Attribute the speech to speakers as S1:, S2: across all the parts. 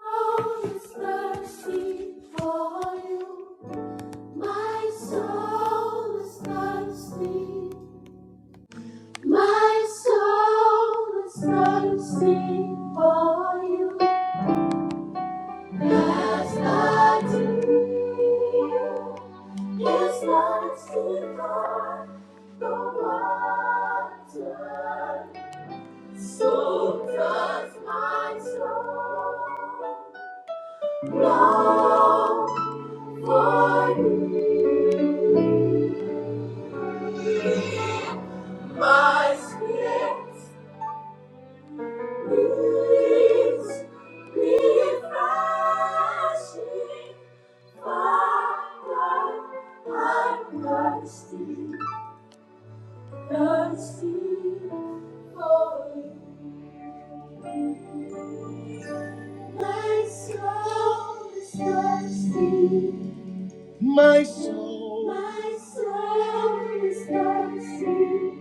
S1: Oh, His mercy for you. My soul is thirsty. My soul is thirsty for you. As the deer is thirsty for the water, so does my soul long for you. My spirit needs refreshing. Father, I'm thirsty, thirsty for you. My soul is thirsty. My soul, my soul is thirsty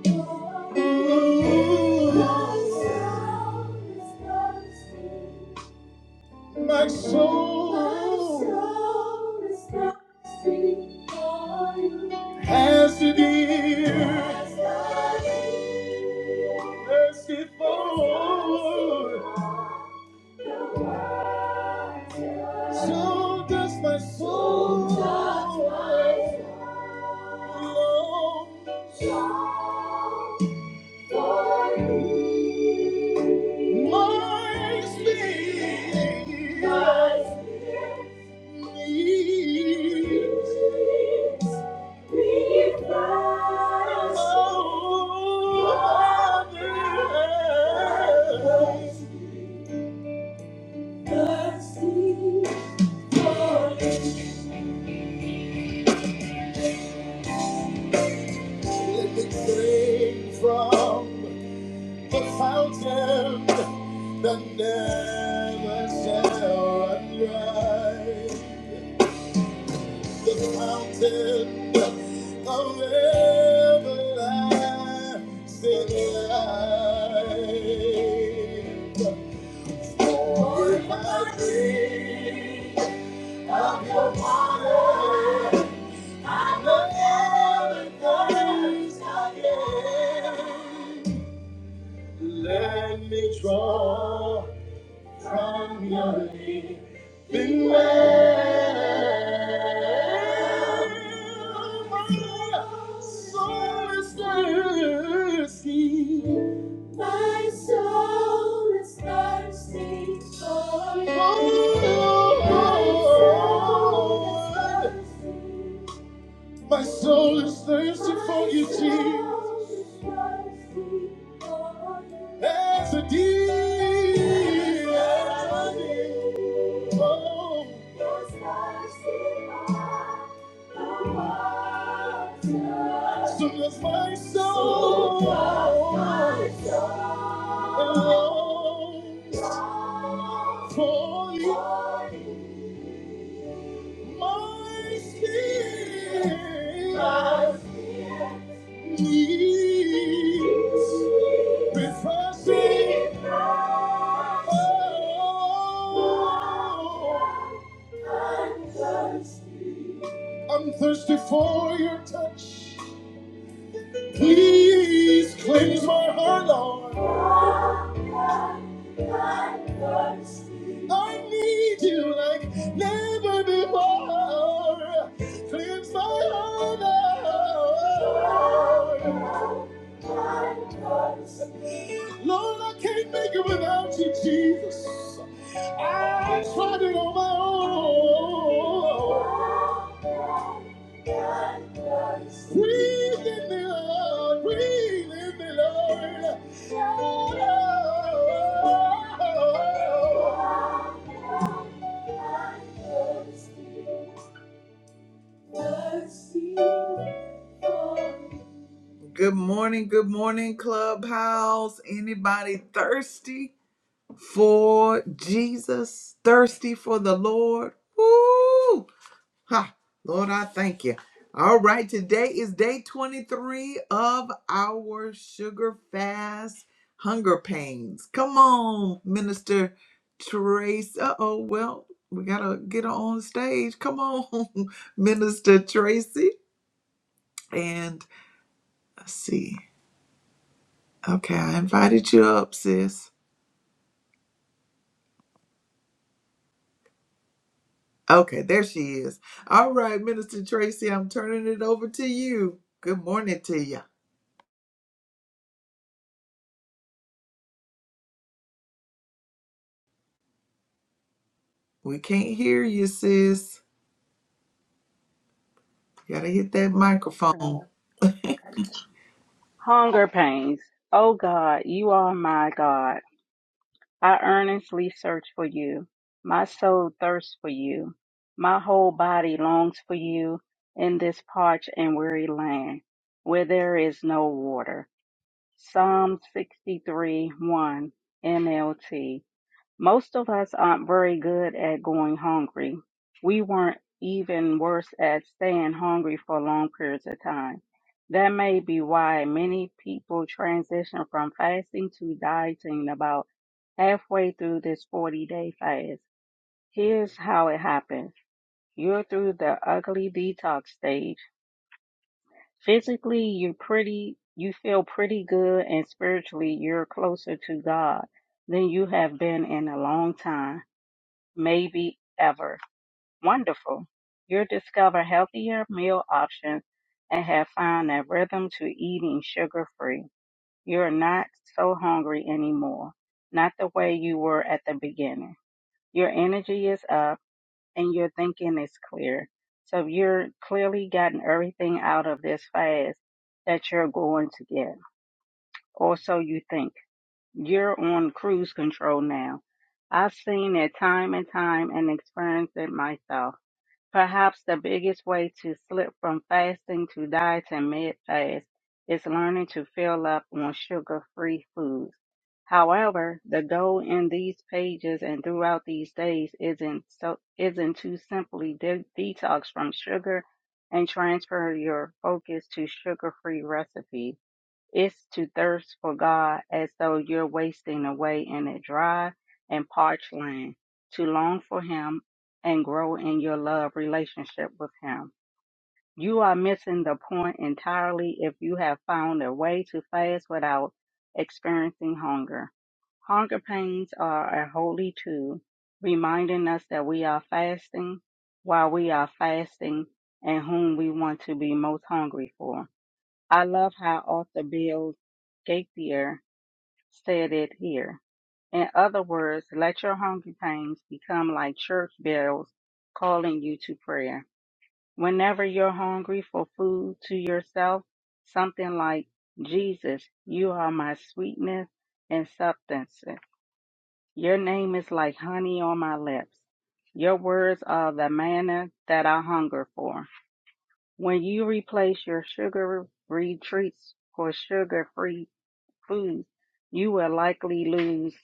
S1: for Ooh. My soul is thirsty my soul, my soul is thirsty for You. As has to be merciful. So does my soul, so does my soul long Lord. My spirit, needs Let me sing from the fountain that never shall run dry. The Fountain of everlasting life. Lord, I drink of your water. i will never thirst again. Let me draw. from your living well. My soul is thirsty. My soul is thirsty for you. My soul is thirsty. My soul is thirsty for you, Jesus. As a deep, oh, so does my soul. Oh, for you. My spirit My spirit needs refreshing. Oh, I'm thirsty for your touch. Please cleanse my heart, Lord. I need you like never before. Cleanse my heart, Lord. Lord, I can't make it without you, Jesus. I tried it on my own. Breathe in me, Lord. Breathe in me, Lord. Good morning, good morning, Clubhouse. Anybody thirsty? for Jesus, thirsty for the Lord. Woo! Ha! Lord, I thank you. All right, today is day 23 of our sugar fast hunger pains. Come on, Minister Trace. Uh oh, well, we got to get her on stage. Come on, Minister Tracy. And let's see. Okay, I invited you up, sis. Okay, there she is. All right, Minister Tracy, I'm turning it over to you. Good morning to you. We can't hear you, sis. Gotta hit that microphone.
S2: Oh, okay. Hunger pains. O God, you are my God. I earnestly search for you. My soul thirsts for you. My whole body longs for you in this parched and weary land where there is no water. Psalm 63 1 NLT. Most of us aren't very good at going hungry. We weren't even worse at staying hungry for long periods of time. That may be why many people transition from fasting to dieting about halfway through this 40 day fast. Here's how it happens. You're through the ugly detox stage. Physically, you're pretty, you feel pretty good and spiritually, you're closer to God than you have been in a long time maybe ever. Wonderful. You'll discover healthier meal options and have found a rhythm to eating sugar free. You're not so hungry anymore, not the way you were at the beginning. Your energy is up and your thinking is clear. So you're clearly gotten everything out of this fast that you're going to get. Or so you think. You're on cruise control now. I've seen it time and time and experienced it myself. Perhaps the biggest way to slip from fasting to diet and mid-fast is learning to fill up on sugar-free foods. However, the goal in these pages and throughout these days isn't so isn't to simply de- detox from sugar and transfer your focus to sugar-free recipes. It's to thirst for God as though you're wasting away in a dry and parched land, to long for Him and grow in your love relationship with Him. You are missing the point entirely if you have found a way to fast without experiencing hunger. Hunger pains are a holy tool, reminding us that we are fasting while we are fasting and whom we want to be most hungry for. I love how author Bill Gaither said it here. In other words, let your hunger pains become like church bells calling you to prayer. Whenever you're hungry for food to yourself, something like, Jesus, you are my sweetness and substance. Your name is like honey on my lips. Your words are the manna that I hunger for. When you replace your sugary treats for sugar-free foods, you will likely lose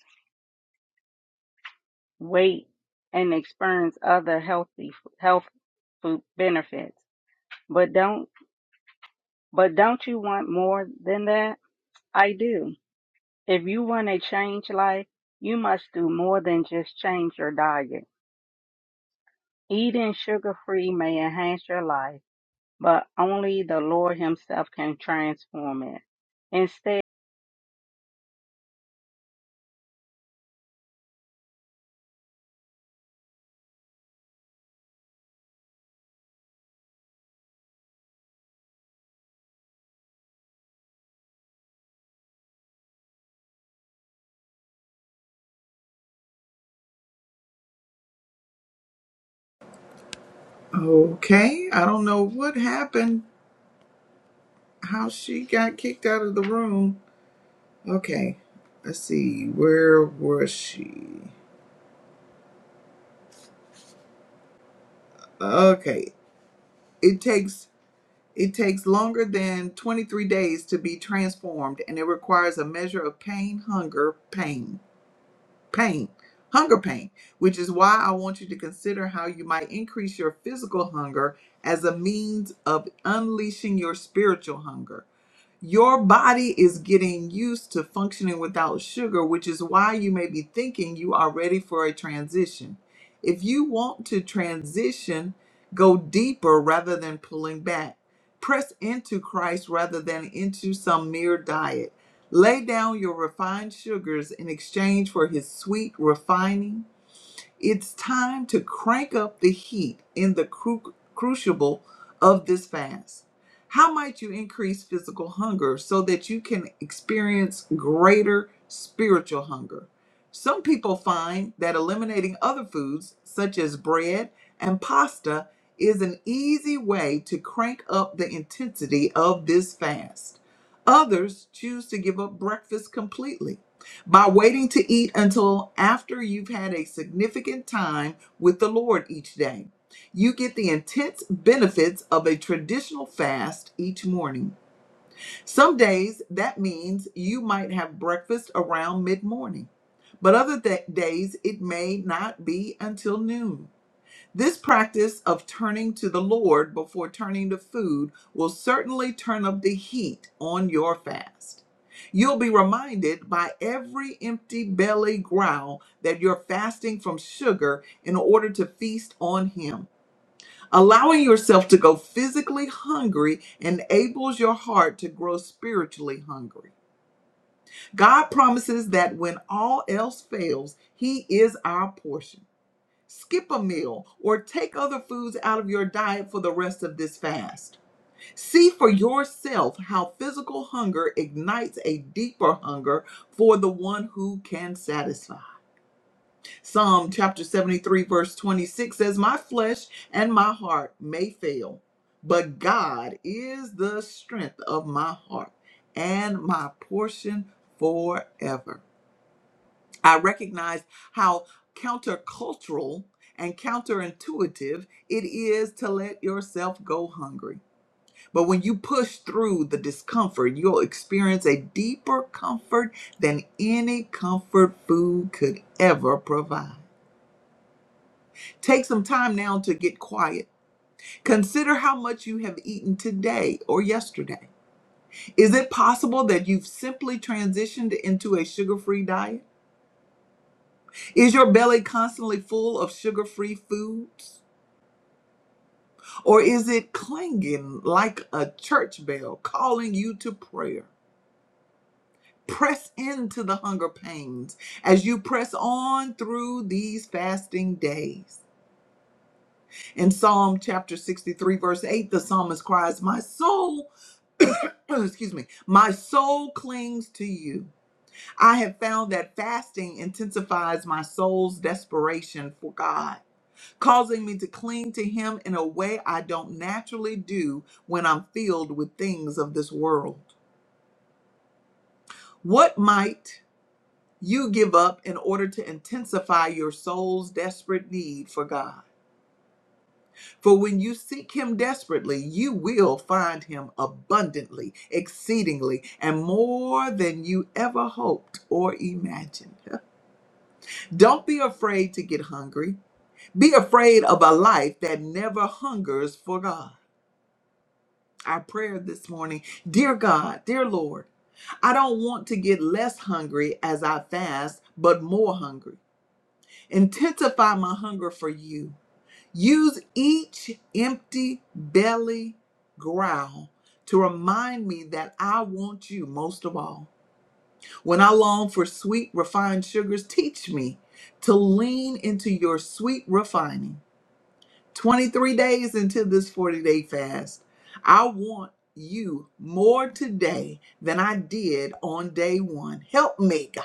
S2: weight and experience other healthy health food benefits. But don't but don't you want more than that? I do. If you want to change life, you must do more than just change your diet. Eating sugar free may enhance your life, but only the Lord Himself can transform it. Instead
S1: Okay, I don't know what happened, how she got kicked out of the room. Okay, let's see, where was she? Okay, it takes it takes longer than 23 days to be transformed and it requires a measure of pain, hunger, pain. pain, hunger pain, which is why I want you to consider how you might increase your physical hunger as a means of unleashing your spiritual hunger. Your body is getting used to functioning without sugar, which is why you may be thinking you are ready for a transition. If you want to transition, go deeper rather than pulling back. Press into Christ rather than into some mere diet. Lay down your refined sugars in exchange for his sweet refining it's time to crank up the heat in the cru- crucible of this fast. How might you increase physical hunger so that you can experience greater spiritual hunger? Some people find that eliminating other foods, such as bread and pasta, is an easy way to crank up the intensity of this fast. Others choose to give up breakfast completely. By waiting to eat until after you've had a significant time with the Lord each day, you get the intense benefits of a traditional fast each morning. Some days that means you might have breakfast around mid morning, but other th- days it may not be until noon. This practice of turning to the Lord before turning to food will certainly turn up the heat on your fast. You'll be reminded by every empty belly growl that you're fasting from sugar in order to feast on Him. Allowing yourself to go physically hungry enables your heart to grow spiritually hungry. God promises that when all else fails, He is our portion. Skip a meal or take other foods out of your diet for the rest of this fast. See for yourself how physical hunger ignites a deeper hunger for the one who can satisfy. Psalm chapter 73, verse 26 says, My flesh and my heart may fail, but God is the strength of my heart and my portion forever. I recognize how countercultural and counterintuitive it is to let yourself go hungry. But when you push through the discomfort, you'll experience a deeper comfort than any comfort food could ever provide. Take some time now to get quiet. Consider how much you have eaten today or yesterday. Is it possible that you've simply transitioned into a sugar free diet? Is your belly constantly full of sugar free foods? Or is it clanging like a church bell calling you to prayer? Press into the hunger pains as you press on through these fasting days. In Psalm chapter 63, verse 8, the psalmist cries, My soul, excuse me, my soul clings to you. I have found that fasting intensifies my soul's desperation for God. causing me to cling to Him in a way I don't naturally do when I'm filled with things of this world. What might you give up in order to intensify your soul's desperate need for God? For when you seek Him desperately, you will find Him abundantly, exceedingly, and more than you ever hoped or imagined. Don't be afraid to get hungry. Be afraid of a life that never hungers for God. our prayer this morning. Dear God, dear Lord, I don't want to get less hungry as I fast, but more hungry. Intensify my hunger for you. Use each empty belly growl to remind me that I want you most of all. When I long for sweet, refined sugars, teach me to lean into your sweet refining. 23 days into this 40 day fast, I want you more today than I did on day one. Help me, God.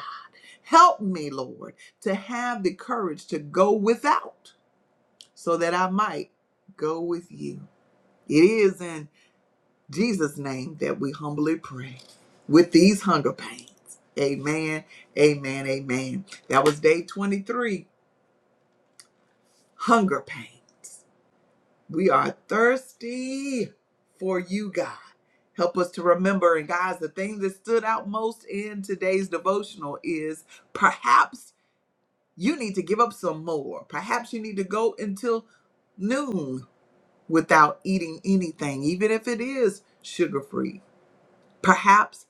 S1: Help me, Lord, to have the courage to go without so that I might go with you. It is in Jesus' name that we humbly pray with these hunger pains. Amen, amen, amen. That was day 23, hunger pains. We are thirsty for you, God. Help us to remember. And guys, the thing that stood out most in today's devotional is perhaps you need to give up some more. Perhaps you need to go until noon without eating anything, even if it is sugar free. Perhaps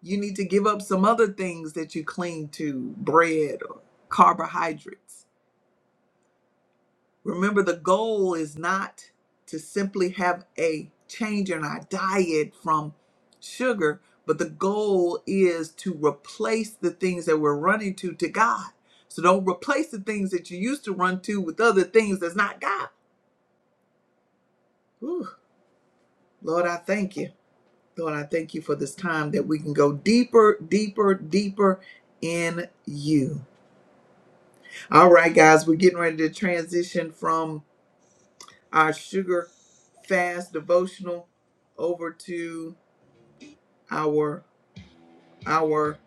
S1: you need to give up some other things that you cling to bread or carbohydrates. Remember, the goal is not to simply have a change in our diet from sugar, but the goal is to replace the things that we're running to to God. So don't replace the things that you used to run to with other things that's not God. Whew. Lord, I thank you. Lord, I thank you for this time that we can go deeper, deeper, deeper in you. All right, guys, we're getting ready to transition from our sugar fast devotional over to our our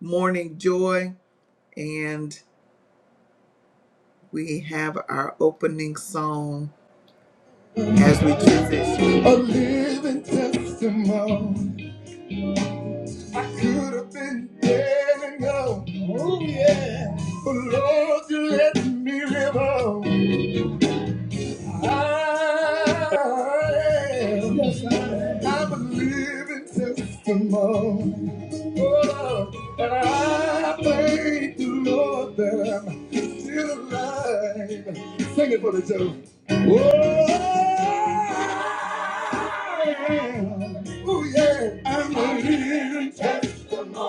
S1: morning joy and we have our opening song as we choose it. A living testimony. I could have been dead and gone. Oh yeah. But Lord, you let me live on. I am. Yes, I am. I'm a living testimony. Oh, And I thank the Lord that I'm still alive. Sing it for the Joe. Oh, oh yeah, I'm a living testimony.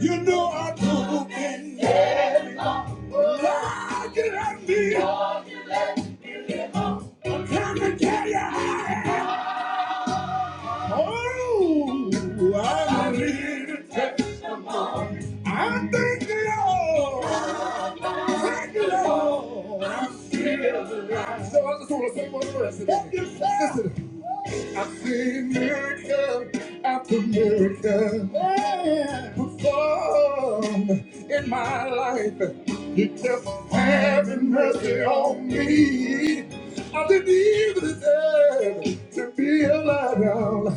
S1: You know I'm broken. Look at me. I'm trying to tell you how I am. Oh, I'm a living testimony. I thank the Lord. So I just want to say one verse. Listen, I've seen miracle after miracle yeah. performed in my life. You kept having mercy on me. I didn't even deserve to be alive.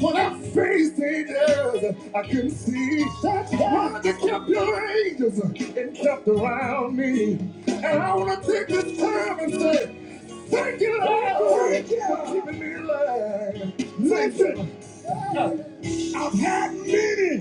S1: When I faced dangers, I couldn't see. I why they kept your angels and kept around me. And I want to take this time and say, Thank you, Lord, for keeping me alive. Listen, I've had many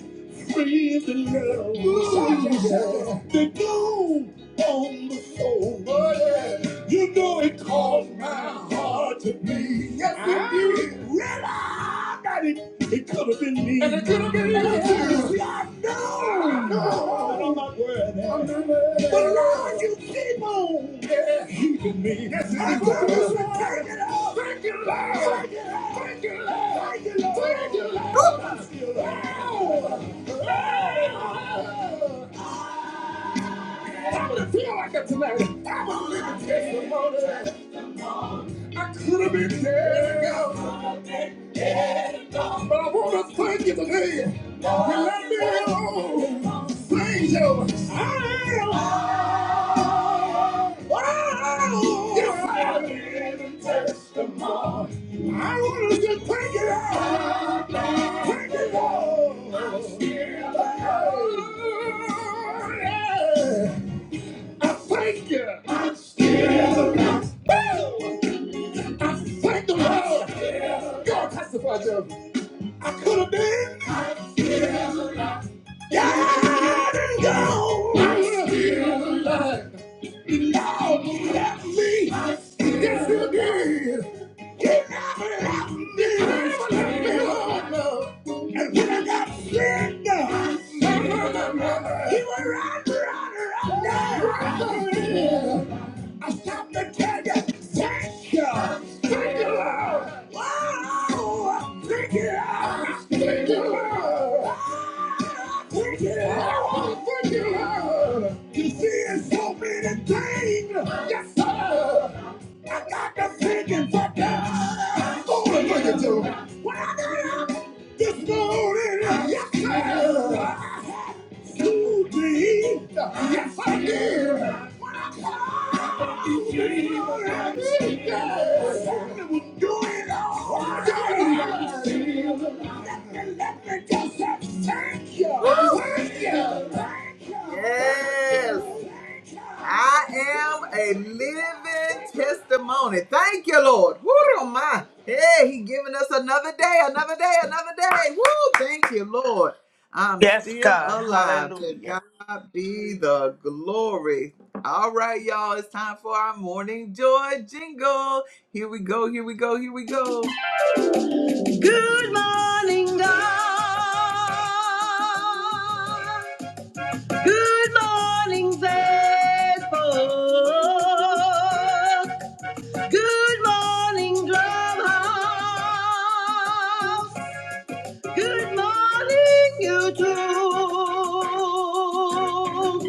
S1: friends in love. Ooh, The gloom on the soul. Oh, yeah. You know it caused my heart to bleed. Yes, it did. Well, I got it it could have been me. And it could have been you. See, I know. No. I'm not worthy. I'm not worthy. But Lord, you keep on yeah. keeping me. Yes, you do. Thank you, Lord. Thank you, Lord. Thank you, Lord. Thank you, Lord. Thank you, Lord. Thank you, Lord. I'm still alive. I'm gonna feel like it tonight. I'm gonna live a living testimony. I could have been dead. But I want to thank you today. You let me know. Thank you. I am. Wow. You found me. I want to just thank you. Lord. Thank you. Lord. Yeah. I thank you. Woo! I thank the Lord. God testified to me. I could have been. Down and gone. Lord, you left me. Yes, you did. You never left me. You never left me And when I got sick, uh, you were right, right, right there. I stopped to tell you, thank you. Thank you, Lord. Wow. Thank you, Thank you, Lord. Ah, Thank you, Lord. Thank you, Lord. You see, it's so many things. Yes, sir. I got the thinking for God. Oh, look at you. do? When I got up this morning, yes, sir. You did. Yes, I did. When I called, you did. Yes. I will do it all. Yes. I am a living testimony. Thank you, Lord. Woo, oh my. Hey, He giving us another day, another day, another day. Woo, thank you, Lord. I'm
S3: Yes,
S1: still
S3: God.
S1: alive. To
S3: Hallelujah.
S1: God be the glory. All right, y'all. It's time for our morning joy jingle. Here we go. Here we go. Here we go. Good morning, God. Good morning, Facebook. Good morning, Clubhouse. Good morning, YouTube.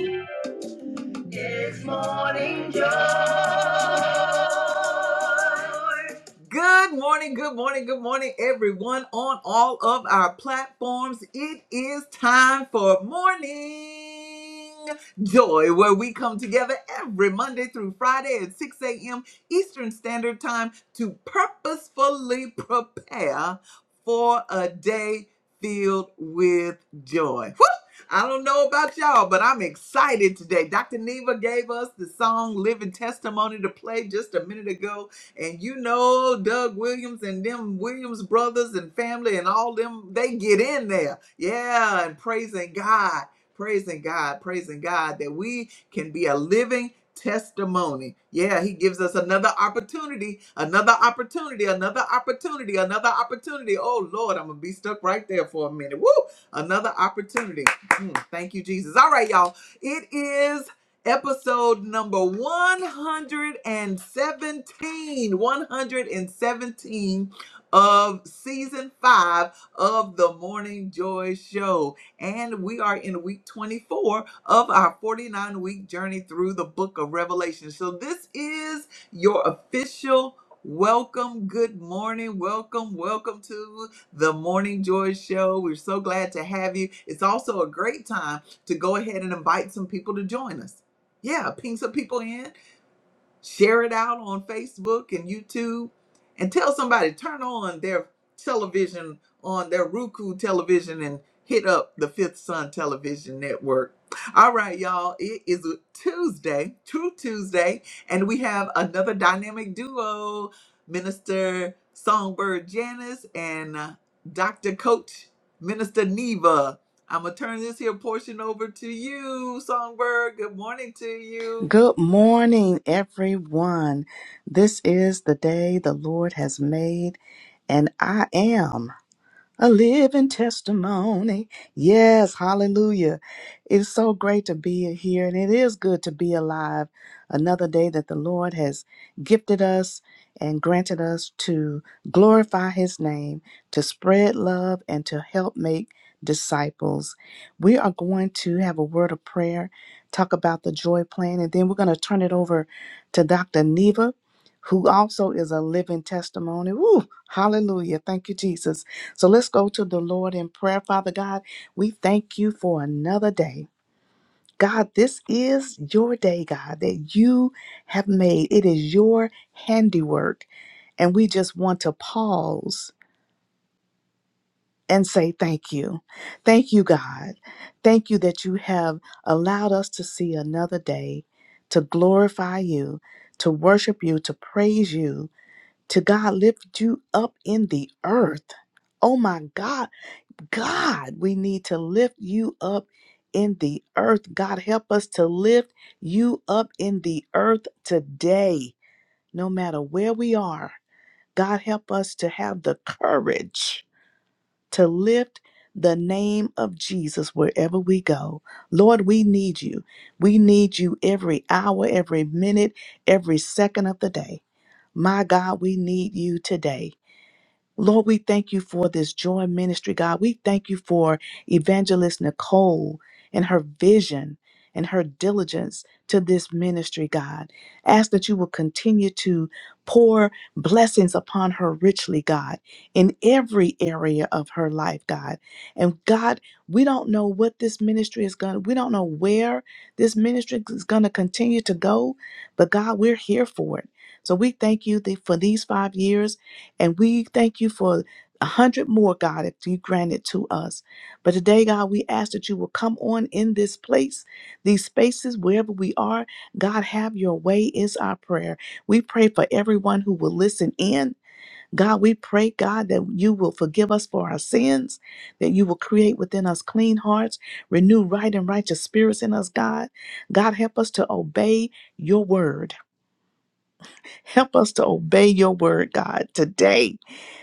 S1: Good morning, good morning, good morning, everyone on all of our platforms. It is time for morning joy, where we come together every Monday through Friday at 6 a.m. Eastern Standard Time to purposefully prepare for a day filled with joy. Woo! I don't know about y'all, but I'm excited today. Dr. Neva gave us the song Living Testimony to play just a minute ago and you know Doug Williams and them Williams brothers and family and all them, they get in there. Yeah, and praising God, praising God, praising God that we can be a living testimony. Yeah, he gives us another opportunity, another opportunity, another opportunity, another opportunity. Oh Lord, I'm gonna be stuck right there for a minute. Woo! Another opportunity. Mm, thank you, Jesus. All right, y'all. It is episode number 117, 117 of season 5 of the morning joy show and we are in week 24 of our 49 week journey through the book of revelation so this is your official Welcome, good morning, welcome, welcome to the Morning Joy Show. We're so glad to have you. It's also a great time to go ahead and invite some people to join us. Yeah, ping some people in, share it out on Facebook and YouTube, and tell somebody turn on their television on their Roku television and hit up the Fifth Sun Television Network. All right, y'all, it is a Tuesday, True Tuesday, and we have another dynamic duo, Minister Songbird Janice and uh, Dr. Coach Minister Neva. I'm gonna turn this here portion over to you, Songbird. Good morning to you.
S4: Good morning, everyone. This is the day the Lord has made, and I am. A living testimony. Yes, hallelujah. It's so great to be here, and it is good to be alive. Another day that the Lord has gifted us and granted us to glorify His name, to spread love, and to help make disciples. We are going to have a word of prayer, talk about the joy plan, and then we're going to turn it over to Dr. Neva, who also is a living testimony. Woo, hallelujah. Thank you, Jesus. So let's go to the Lord in prayer. Father God, we thank you for another day. God, this is your day, God, that you have made. It is your handiwork. And we just want to pause and say thank you. Thank you, God. Thank you that you have allowed us to see another day to glorify you, to worship you, to praise you, to God lift you up in the earth. Oh my God. God, we need to lift you up in the earth. God, help us to lift you up in the earth today, no matter where we are. God, help us to have the courage to lift the name of Jesus wherever we go. Lord, we need you. We need you every hour, every minute, every second of the day. My God, we need you today. Lord, we thank you for this joy ministry, God. We thank you for evangelist Nicole and her vision and her diligence to this ministry, God. Ask that you will continue to pour blessings upon her richly, God, in every area of her life, God. And God, we don't know what this ministry is going to, we don't know where this ministry is going to continue to go, but God, we're here for it. So we thank you that for these five years and we thank you for a hundred more, God, that you granted to us. But today, God, we ask that you will come on in this place, these spaces, wherever we are. God, have your way is our prayer. We pray for everyone who will listen in. God, we pray, God, that you will forgive us for our sins, that you will create within us clean hearts, renew right and righteous spirits in us, God. God, help us to obey your word. Help us to obey your word, God, today.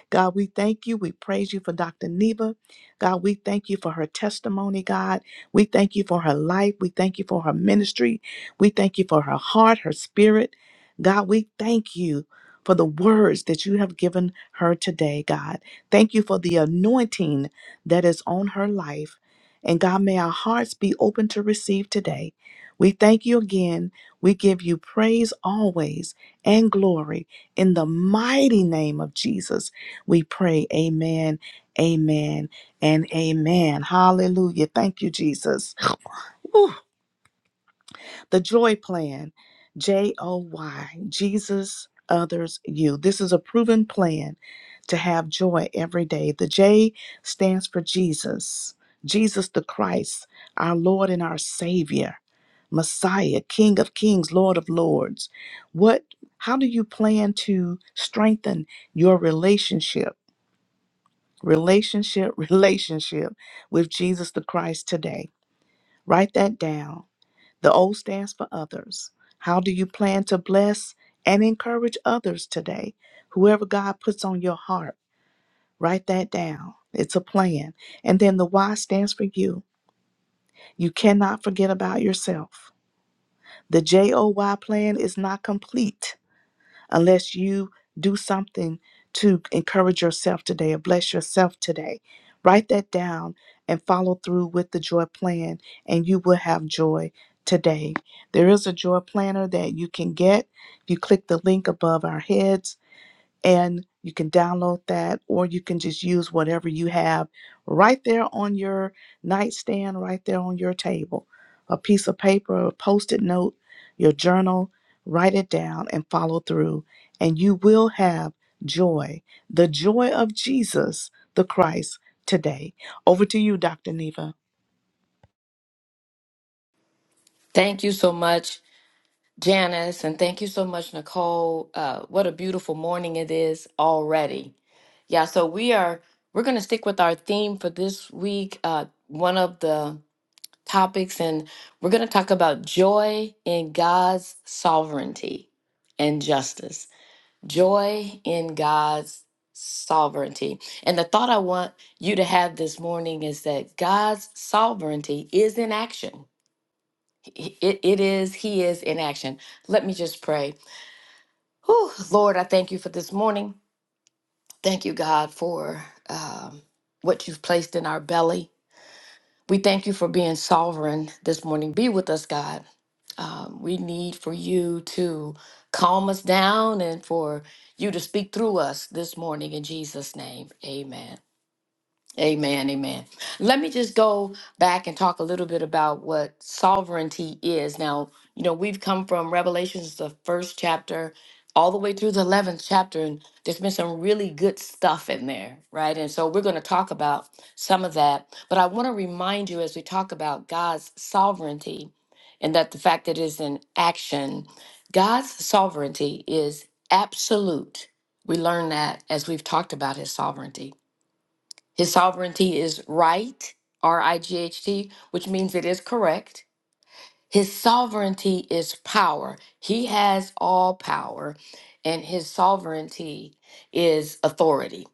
S4: God, we thank you. We praise you for Dr. Neva. God, we thank you for her testimony, God. We thank you for her life. We thank you for her ministry. We thank you for her heart, her spirit. God, we thank you for the words that you have given her today, God. Thank you for the anointing that is on her life. And God, may our hearts be open to receive today. We thank you again. We give you praise always and glory in the mighty name of Jesus. We pray, Amen, Amen, and Amen. Hallelujah. Thank you, Jesus. Whew. The Joy Plan, J O Y, Jesus, others, you. This is a proven plan to have joy every day. The J stands for Jesus, Jesus the Christ, our Lord and our Savior. Messiah, King of Kings, Lord of Lords. What how do you plan to strengthen your relationship? relationship, relationship with Jesus the Christ today. Write that down. The O stands for others. How do you plan to bless and encourage others today? Whoever God puts on your heart, write that down. It's a plan. And then the Y stands for you. You cannot forget about yourself. The J O Y plan is not complete unless you do something to encourage yourself today or bless yourself today. Write that down and follow through with the joy plan, and you will have joy today. There is a joy planner that you can get. If you click the link above our heads, and you can download that or you can just use whatever you have right there on your nightstand right there on your table a piece of paper a post-it note your journal write it down and follow through and you will have joy the joy of jesus the christ today over to you dr neva
S5: Thank you so much, Janice, and thank you so much, Nicole. Uh, what a beautiful morning it is already. Yeah, so we are we're going to stick with our theme for this week. Uh, one of the topics, and we're going to talk about joy in God's sovereignty and justice. Joy in God's sovereignty. And the thought I want you to have this morning is that God's sovereignty is in action. He- It, it is, He is in action. Let me just pray. Whew, Lord, I thank you for this morning. Thank you, God, for um, what you've placed in our belly. We thank you for being sovereign this morning. Be with us, God. Um, we need for you to calm us down and for you to speak through us this morning in Jesus' name. Amen. Amen, amen. Let me just go back and talk a little bit about what sovereignty is. Now, you know, we've come from Revelations, the first chapter, all the way through the 11th chapter, and there's been some really good stuff in there, right? And so we're going to talk about some of that. But I want to remind you as we talk about God's sovereignty and that the fact that it is in action, God's sovereignty is absolute. We learn that as we've talked about his sovereignty. His sovereignty is right, R I G H T, which means it is correct. His sovereignty is power. He has all power, and his sovereignty is authority.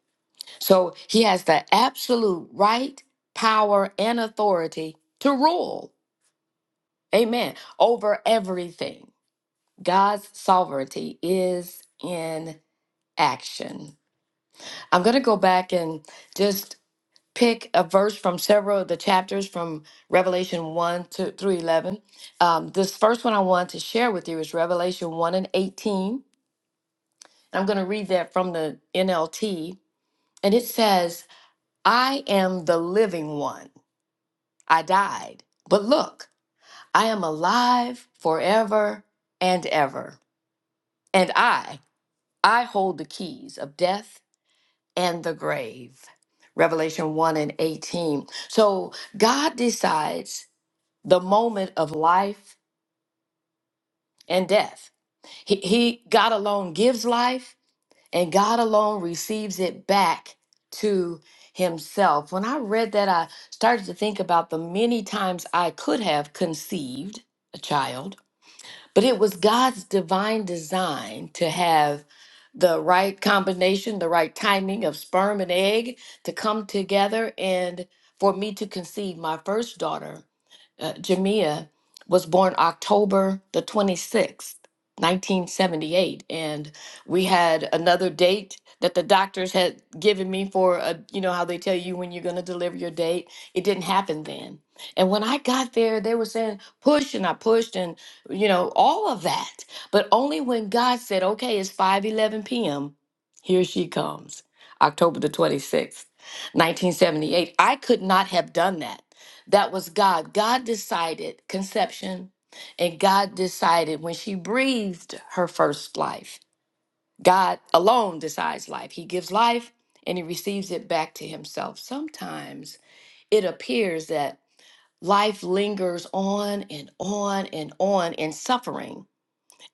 S5: So he has the absolute right, power, and authority to rule. Amen. Over everything. God's sovereignty is in action. I'm going to go back and just pick a verse from several of the chapters from Revelation 1 to through 11. Um, this first one I want to share with you is Revelation 1 and 18. I'm going to read that from the NLT. And it says, I am the living one. I died. But look, I am alive forever and ever. And I, I hold the keys of death and the grave. Revelation 1 and 18. So God decides the moment of life and death. He, he God alone gives life, and God alone receives it back to himself. When I read that, I started to think about the many times I could have conceived a child, but it was God's divine design to have the right combination, the right timing of sperm and egg to come together and for me to conceive my first daughter uh, Jamia was born October the 26th, 1978. And we had another date that the doctors had given me for, a, you know, how they tell you when you're going to deliver your date. It didn't happen then. And when I got there, they were saying push and I pushed and, you know, all of that. But only when God said, okay, it's 5 11 p.m., here she comes, October the 26th, 1978," I could not have done that. That was God. God decided conception, and God decided when she breathed her first life. God alone decides life. He gives life and he receives it back to himself. Sometimes it appears that life lingers on and on and on in suffering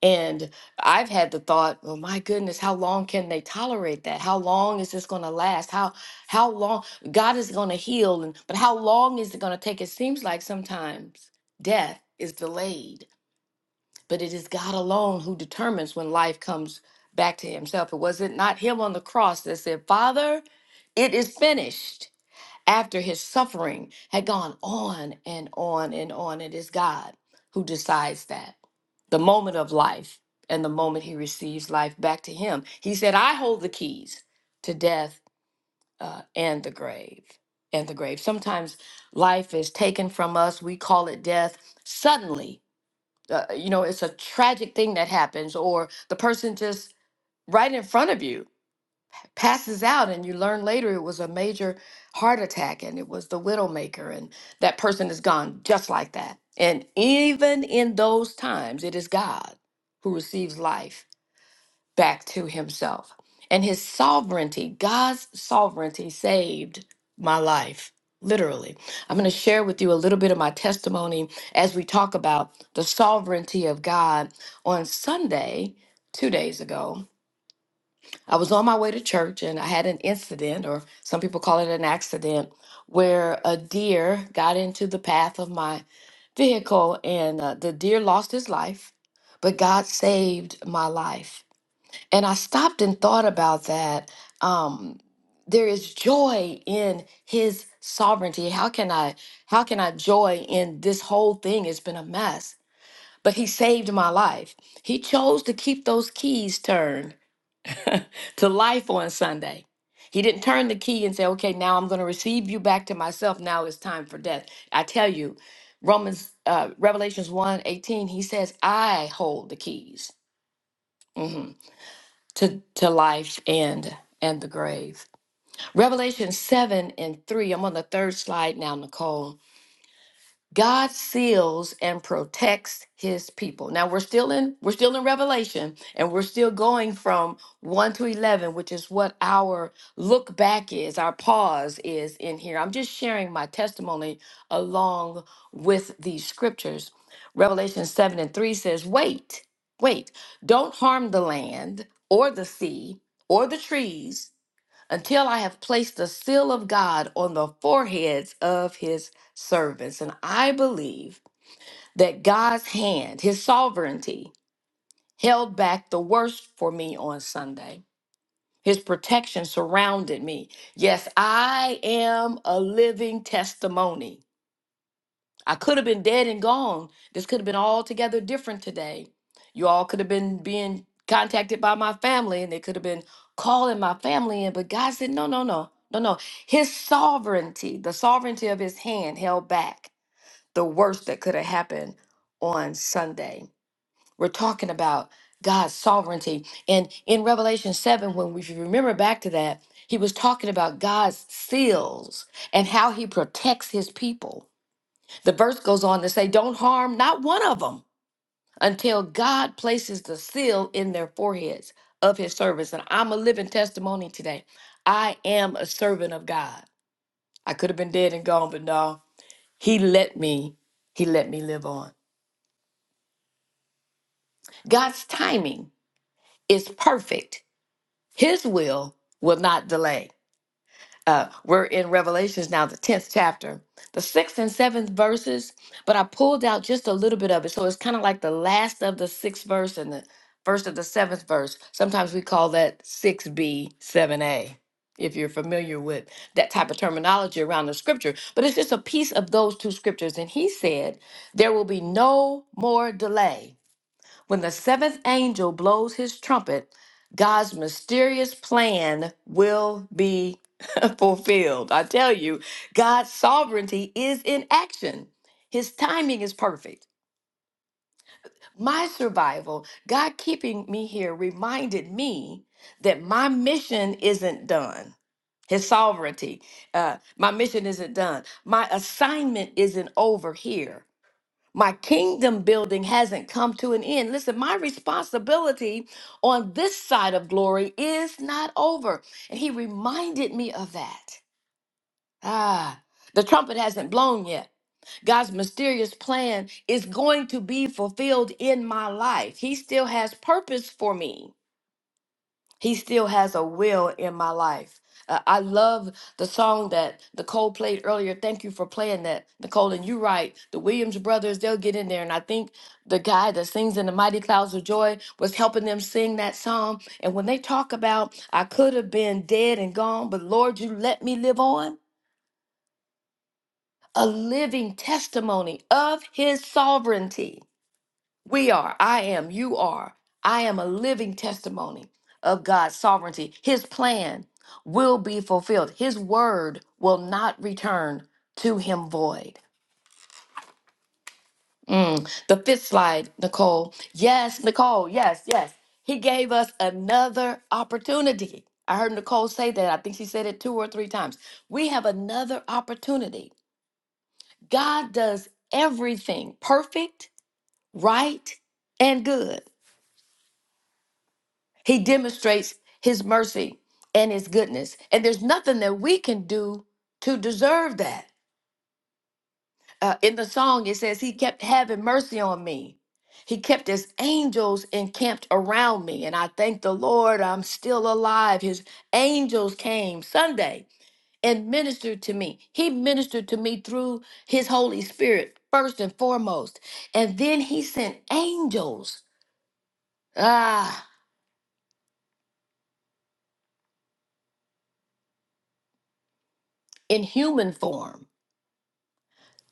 S5: and I've had the thought, oh my goodness, how long can they tolerate that? How long is this going to last? How how long God is going to heal and but how long is it going to take? It seems like sometimes death is delayed, but it is God alone who determines when life comes back to himself. It was it not him on the cross that said, "Father, it is finished." after his suffering had gone on and on and on. It is God who decides that the moment of life and the moment he receives life back to him. He said, I hold the keys to death uh, and the grave. And the grave. Sometimes life is taken from us. We call it death. Suddenly, uh, you know, it's a tragic thing that happens, or the person just right in front of you passes out and you learn later it was a major heart attack and it was the widowmaker and that person is gone just like that and even in those times it is god who receives life back to himself and his sovereignty god's sovereignty saved my life literally i'm going to share with you a little bit of my testimony as we talk about the sovereignty of god on sunday two days ago I was on my way to church and I had an incident, or some people call it an accident, where a deer got into the path of my vehicle and uh, the deer lost his life, but God saved my life. And I stopped and thought about that. Um, there is joy in his sovereignty. How can I how can I joy in this whole thing? It's been a mess. But he saved my life. He chose to keep those keys turned to life on Sunday. He didn't turn the key and say, okay, now I'm going to receive you back to myself. Now it's time for death. I tell you, Romans, uh, Revelations one eighteen, he says, I hold the keys mhm, to, to life and and the grave. Revelation 7 and 3, I'm on the third slide now, Nicole God seals and protects his people. Now we're still in we're still in Revelation and we're still going from 1 to 11, which is what our look back is, our pause is in here. I'm just sharing my testimony along with these scriptures. Revelation 7 and 3 says, "Wait, wait. Don't harm the land or the sea or the trees until I have placed the seal of God on the foreheads of his servants. And I believe that God's hand, his sovereignty, held back the worst for me on Sunday. His protection surrounded me. Yes, I am a living testimony. I could have been dead and gone. This could have been altogether different today. You all could have been being contacted by my family and they could have been calling my family in. But God said, no, no, no, no, no. His sovereignty, the sovereignty of his hand held back the worst that could have happened on Sunday. We're talking about God's sovereignty. And in Revelation 7, when we if you remember back to that, he was talking about God's seals and how he protects his people the verse goes on to say, Don't harm not one of them until God places the seal in their foreheads of his service. And I'm a living testimony today. I am a servant of God. I could have been dead and gone, but no, he let me, he let me live on. God's timing is perfect. His will will not delay. uh, we're in Revelations now, the 10th chapter, the sixth and seventh verses, but I pulled out just a little bit of it. So it's kind of like the last of the sixth verse and the first of the seventh verse. Sometimes we call that 6b, 7a, if you're familiar with that type of terminology around the scripture. But it's just a piece of those two scriptures. And he said, There will be no more delay when the seventh angel blows his trumpet, God's mysterious plan will be fulfilled. I tell you, God's sovereignty is in action. His timing is perfect. My survival, God keeping me here, reminded me that my mission isn't done. His sovereignty, uh, my mission isn't done. My assignment isn't over here. My kingdom building hasn't come to an end. Listen, my responsibility on this side of glory is not over. And he reminded me of that. Ah, the trumpet hasn't blown yet. God's mysterious plan is going to be fulfilled in my life. He still has purpose for me. He still has a will in my life. Uh, I love the song that Nicole played earlier. Thank you for playing that, Nicole. And you're right. The Williams brothers, they'll get in there. And I think the guy that sings in the Mighty Clouds of Joy was helping them sing that song. And when they talk about, I could have been dead and gone, but Lord, you let me live on. A living testimony of his sovereignty. We are, I am, you are. I am a living testimony of God's sovereignty. His plan will be fulfilled, His word will not return to Him void. Mm. The fifth slide, Nicole. Yes, Nicole, yes, yes. He gave us another opportunity. I heard Nicole say that. I think she said it two or three times. We have another opportunity. God does everything perfect, right, and good. He demonstrates his mercy and his goodness. And there's nothing that we can do to deserve that. Uh, in the song, it says, He kept having mercy on me. He kept his angels encamped around me. And I thank the Lord I'm still alive. His angels came Sunday and ministered to me. He ministered to me through his Holy Spirit, first and foremost. And then he sent angels, ah, in human form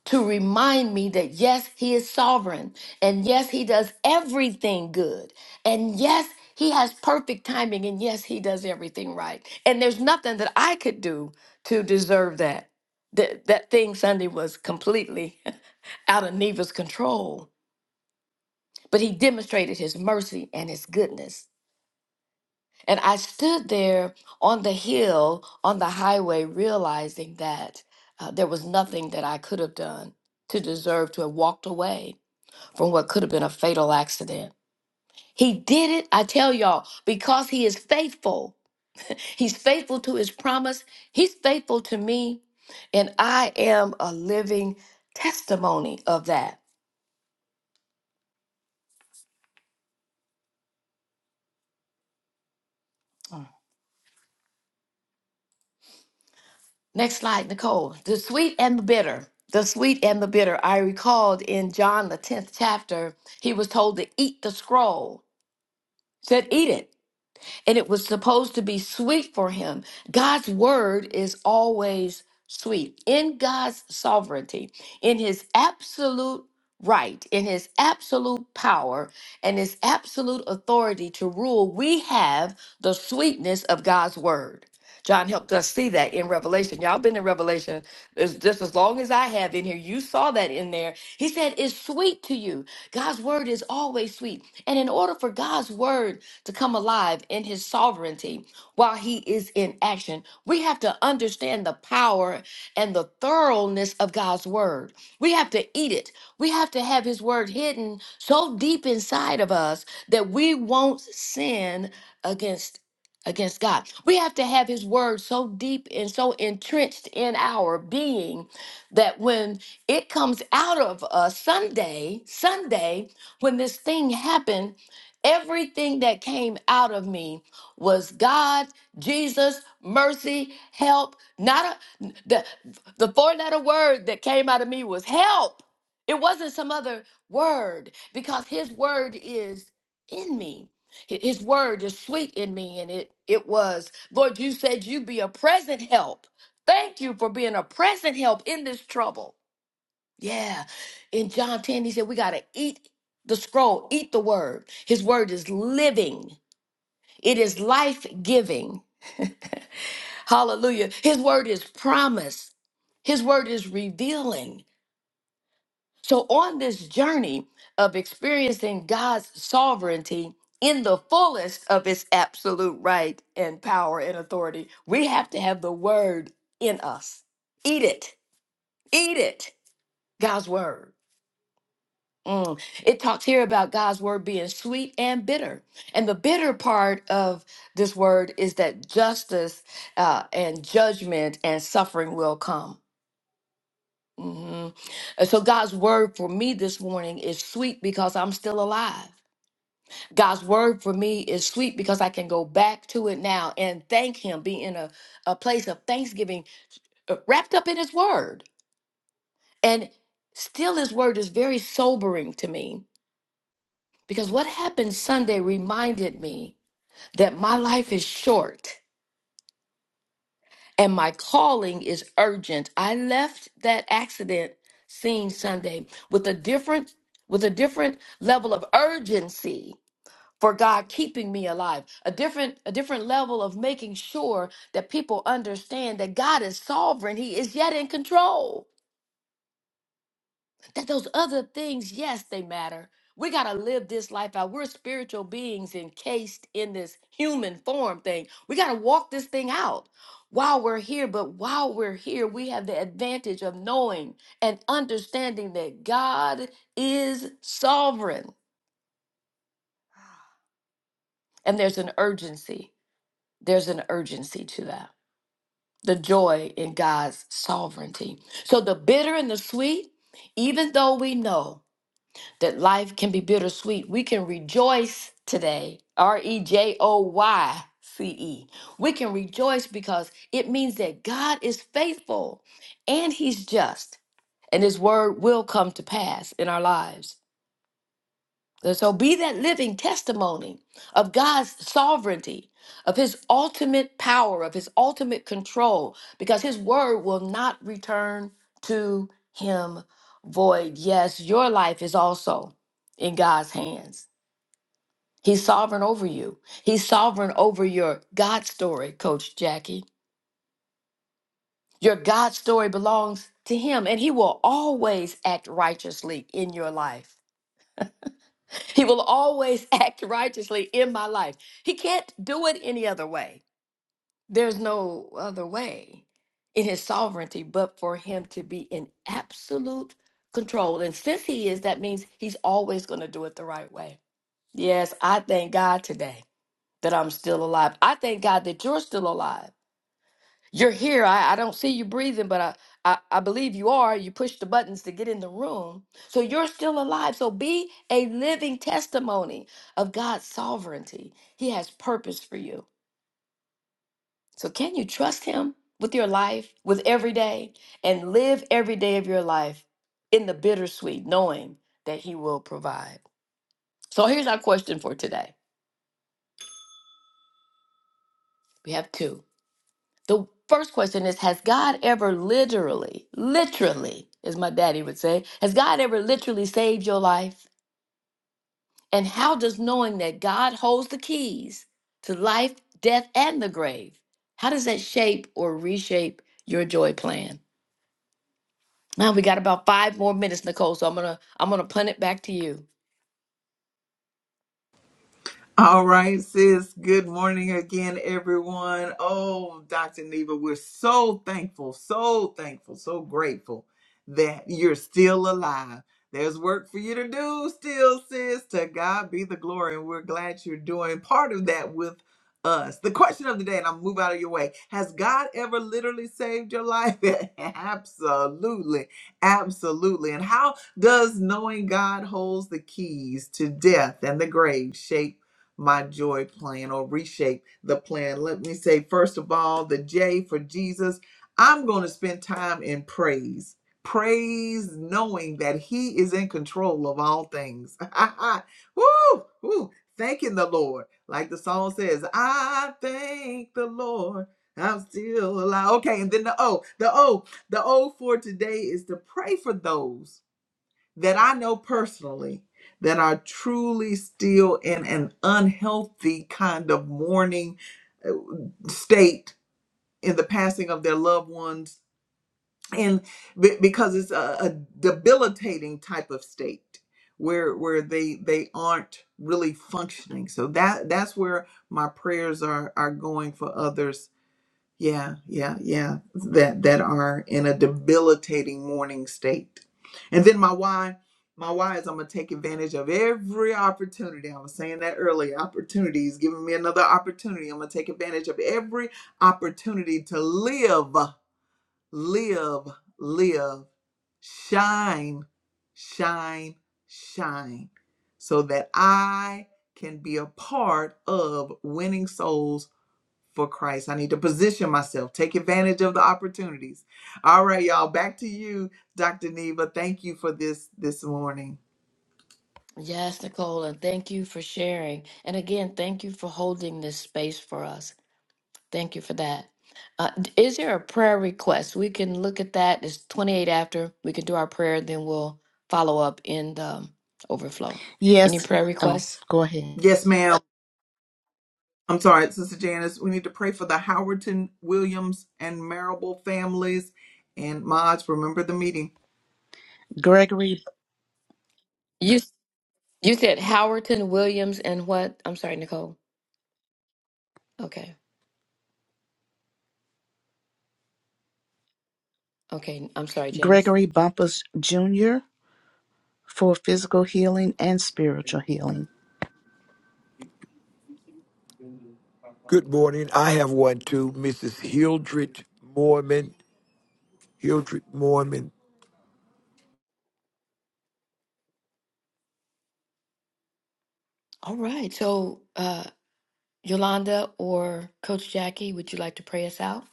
S5: to remind me that yes, He is sovereign, and yes, He does everything good, and yes, He has perfect timing, and yes, He does everything right. And there's nothing that I could do to deserve that. That, that thing Sunday was completely out of Neva's control, but He demonstrated His mercy and His goodness. And I stood there on the hill, on the highway, realizing that uh, there was nothing that I could have done to deserve to have walked away from what could have been a fatal accident. He did it, I tell y'all, because he is faithful. He's faithful to his promise, he's faithful to me, and I am a living testimony of that. Mm. Next slide, Nicole. The sweet and the bitter. The sweet and the bitter. I recalled in John, the 10th chapter, he was told to eat the scroll, said, Eat it. and it was supposed to be sweet for him. God's word is always sweet. In God's sovereignty, in his absolute right, in his absolute power, and his absolute authority to rule, we have the sweetness of God's word. John helped us see that in Revelation. Y'all been in Revelation as- just as long as I have in here. You saw that in there. He said, It's sweet to you. God's word is always sweet. And in order for God's word to come alive in his sovereignty while he is in action. We have to understand the power and the thoroughness of God's word. We have to eat it. We have to have his word hidden so deep inside of us that we won't sin against against God. We have to have his word so deep and so entrenched in our being that when it comes out of us Sunday, Sunday, when this thing happened Everything that came out of me was God, Jesus, mercy, help. Not a, the, the four letter word that came out of me was help. It wasn't some other word because his word is in me. Hi- His word is sweet in me, and it, it was. Lord, you said you would be a present help. Thank you for being a present help in this trouble. Yeah. In John 10, he said, we got to eat the scroll, eat the word. His word is living, it is life giving. Hallelujah. His word is promise, His word is revealing. So, on this journey of experiencing God's sovereignty in the fullest of its absolute right and power and authority, we have to have the word in us. Eat it. Eat it. God's word. Mm. It talks here about God's word being sweet and bitter. And the bitter part of this word is that justice uh, and judgment and suffering will come. hmm And so God's word for me this morning is sweet because I'm still alive. God's word for me is sweet because I can go back to it now and thank Him, be in a, a place of thanksgiving uh, wrapped up in His word. And still, His word is very sobering to me Because what happened Sunday reminded me that my life is short and my calling is urgent. I left that accident scene Sunday with a different with a different level of urgency for God keeping me alive. A different a different level of making sure that people understand that God is sovereign. He is yet in control. that those other things, yes, they matter. We got to live this life out. We're spiritual beings encased in this human form thing. We got to walk this thing out while we're here. But while we're here, we have the advantage of knowing and understanding that God is sovereign. And there's an urgency. There's an urgency to that. The joy in God's sovereignty. So the bitter and the sweet, even though we know that life can be bittersweet. We can rejoice today. R E J O Y C E. We can rejoice because it means that God is faithful and He's just, and His word will come to pass in our lives. So be that living testimony of God's sovereignty, of his ultimate power, of his ultimate control, because his word will not return to him void. Yes, your life is also in God's hands. He's sovereign over you. He's sovereign over your God story, Coach Jackie. Your God story belongs to him, and he will always act righteously in your life. He will always act righteously in my life. He can't do it any other way. There's no other way in his sovereignty but for him to be in absolute control. And since he is, that means he's always going to do it the right way. Yes, I thank God today that I'm still alive. I thank God that you're still alive. You're here. I, I don't see you breathing, but I, I, I believe you are. You push the buttons to get in the room. So you're still alive. So be a living testimony of God's sovereignty. He has purpose for you. So can you trust Him with your life, with every day, and live every day of your life in the bittersweet, knowing that He will provide? So here's our question for today. We have two. The first question is Has God ever literally, literally, as my daddy would say, has God ever literally saved your life? And how does knowing that God holds the keys to life, death, and the grave, how does that shape or reshape your joy plan? Now we got about five more minutes, Nicole. So I'm gonna I'm gonna punt it back to you.
S1: All right, sis. Good morning again, everyone. Oh, Dr. Neva, we're so thankful, so thankful, so grateful that you're still alive. There's work for you to do still, sis. To God be the glory. And we're glad you're doing part of that with us. The question of the day, and I'll move out of your way Has God ever literally saved your life? absolutely. Absolutely. And how does knowing God holds the keys to death and the grave shape? my joy plan or reshape the plan. Let me say, first of all, the J for Jesus. I'm going to spend time in praise. Praise knowing that He is in control of all things. woo, woo, thanking the Lord. Like the song says, I thank the Lord. I'm still alive. Okay, and then the O. The O. The O for today is to pray for those that I know personally that are truly still in an unhealthy kind of mourning uh, state in the passing of their loved ones. And be- because it's a, a debilitating type of state where where they they aren't really functioning. So that that's where my prayers are are going for others yeah, yeah, yeah. That that are in a debilitating mourning state. And then my why, my why is I'm gonna take advantage of every opportunity. I was saying that earlier. Opportunity is giving me another opportunity. I'm gonna take advantage of every opportunity to live, live, live, shine, shine, shine, so that I can be a part of winning souls for Christ. I need to position myself, take advantage of the opportunities. All right, y'all, back to you, Dr. Neva. Thank you for this this morning.
S5: Yes, Nicole, and thank you for sharing. And again, thank you for holding this space for us. Thank you for that. Uh, d- is there a prayer request? We can look at that. It's 28 after. We can do our prayer, then we'll follow up in the um, overflow. Any
S4: yes
S5: prayer
S4: oh
S5: requests?
S4: go ahead
S1: Yes, ma'am. I'm sorry, Sister Janice. We need to pray for the Howerton, Williams, and Marable families. And Mods, remember the meeting.
S4: gregory
S5: You s- you said Howerton Williams and what? I'm sorry, Nicole. Okay. Okay. I'm sorry, Janice.
S4: gregory bumpus jr for physical healing and spiritual healing
S6: Good morning. I have one too, Mrs. Hildred Mormon. Hildred Mormon.
S5: All right. So, uh, Yolanda or Coach Jackie, would you like to pray us out?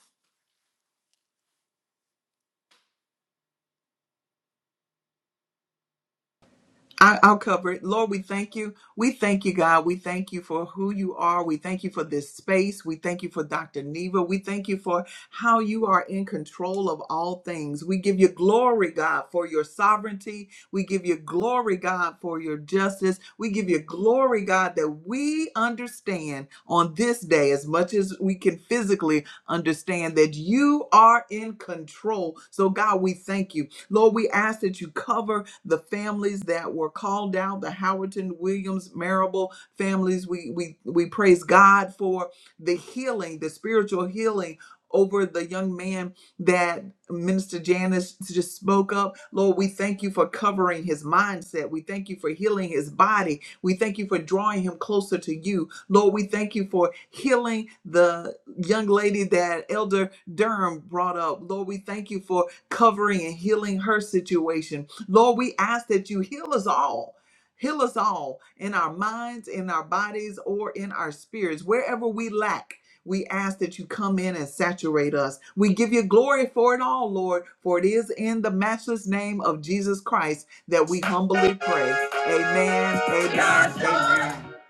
S1: I, I'll cover it. Lord, we thank you. We thank you, God. We thank you for who you are. We thank you for this space. We thank you for Dr. Neva. We thank you for how you are in control of all things. We give you glory, God, for your sovereignty. We give you glory, God, for your justice. We give you glory, God, that we understand on this day as much as we can physically understand that you are in control. So, God, we thank you. Lord, we ask that you cover the families that were called out, the Howerton Williams Marable families. We we we praise God for the healing, the spiritual healing over the young man that Minister Janice just spoke up. Lord, we thank you for covering his mindset. We thank you for healing his body. We thank you for drawing him closer to you. Lord, we thank you for healing the young lady that Elder Durham brought up. Lord, we thank you for covering and healing her situation. Lord, we ask that you heal us all. Heal us all in our minds, in our bodies, or in our spirits, wherever we lack. We ask that you come in and saturate us. We give you glory for it all, Lord, for it is in the matchless name of Jesus Christ that we humbly pray. Amen. We are Amen. Amen. joy.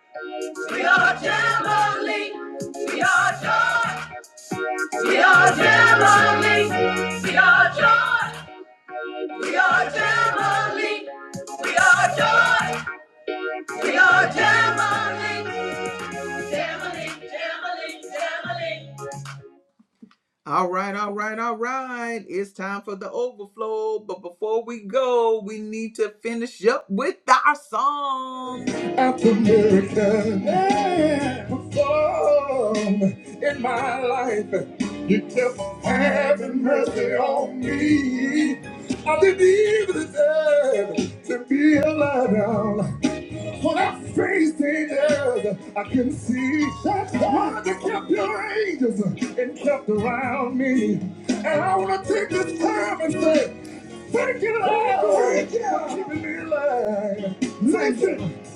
S1: We are heavenly. We are joy. We are heavenly. We are joy. We are Jamali. We are joy. We are Jamali. Jamali, Jamali, Jamali. All right, all right, all right. It's time for the overflow. But before we go, we need to finish up with our song. After the miracle that performed in my life, you kept having mercy on me. I didn't even deserve to be alive. now. When I face dangers, I can see That's why that kept your angels and kept around me. And I want to take this time and say, Thank you, Lord, for keeping me alive. Listen.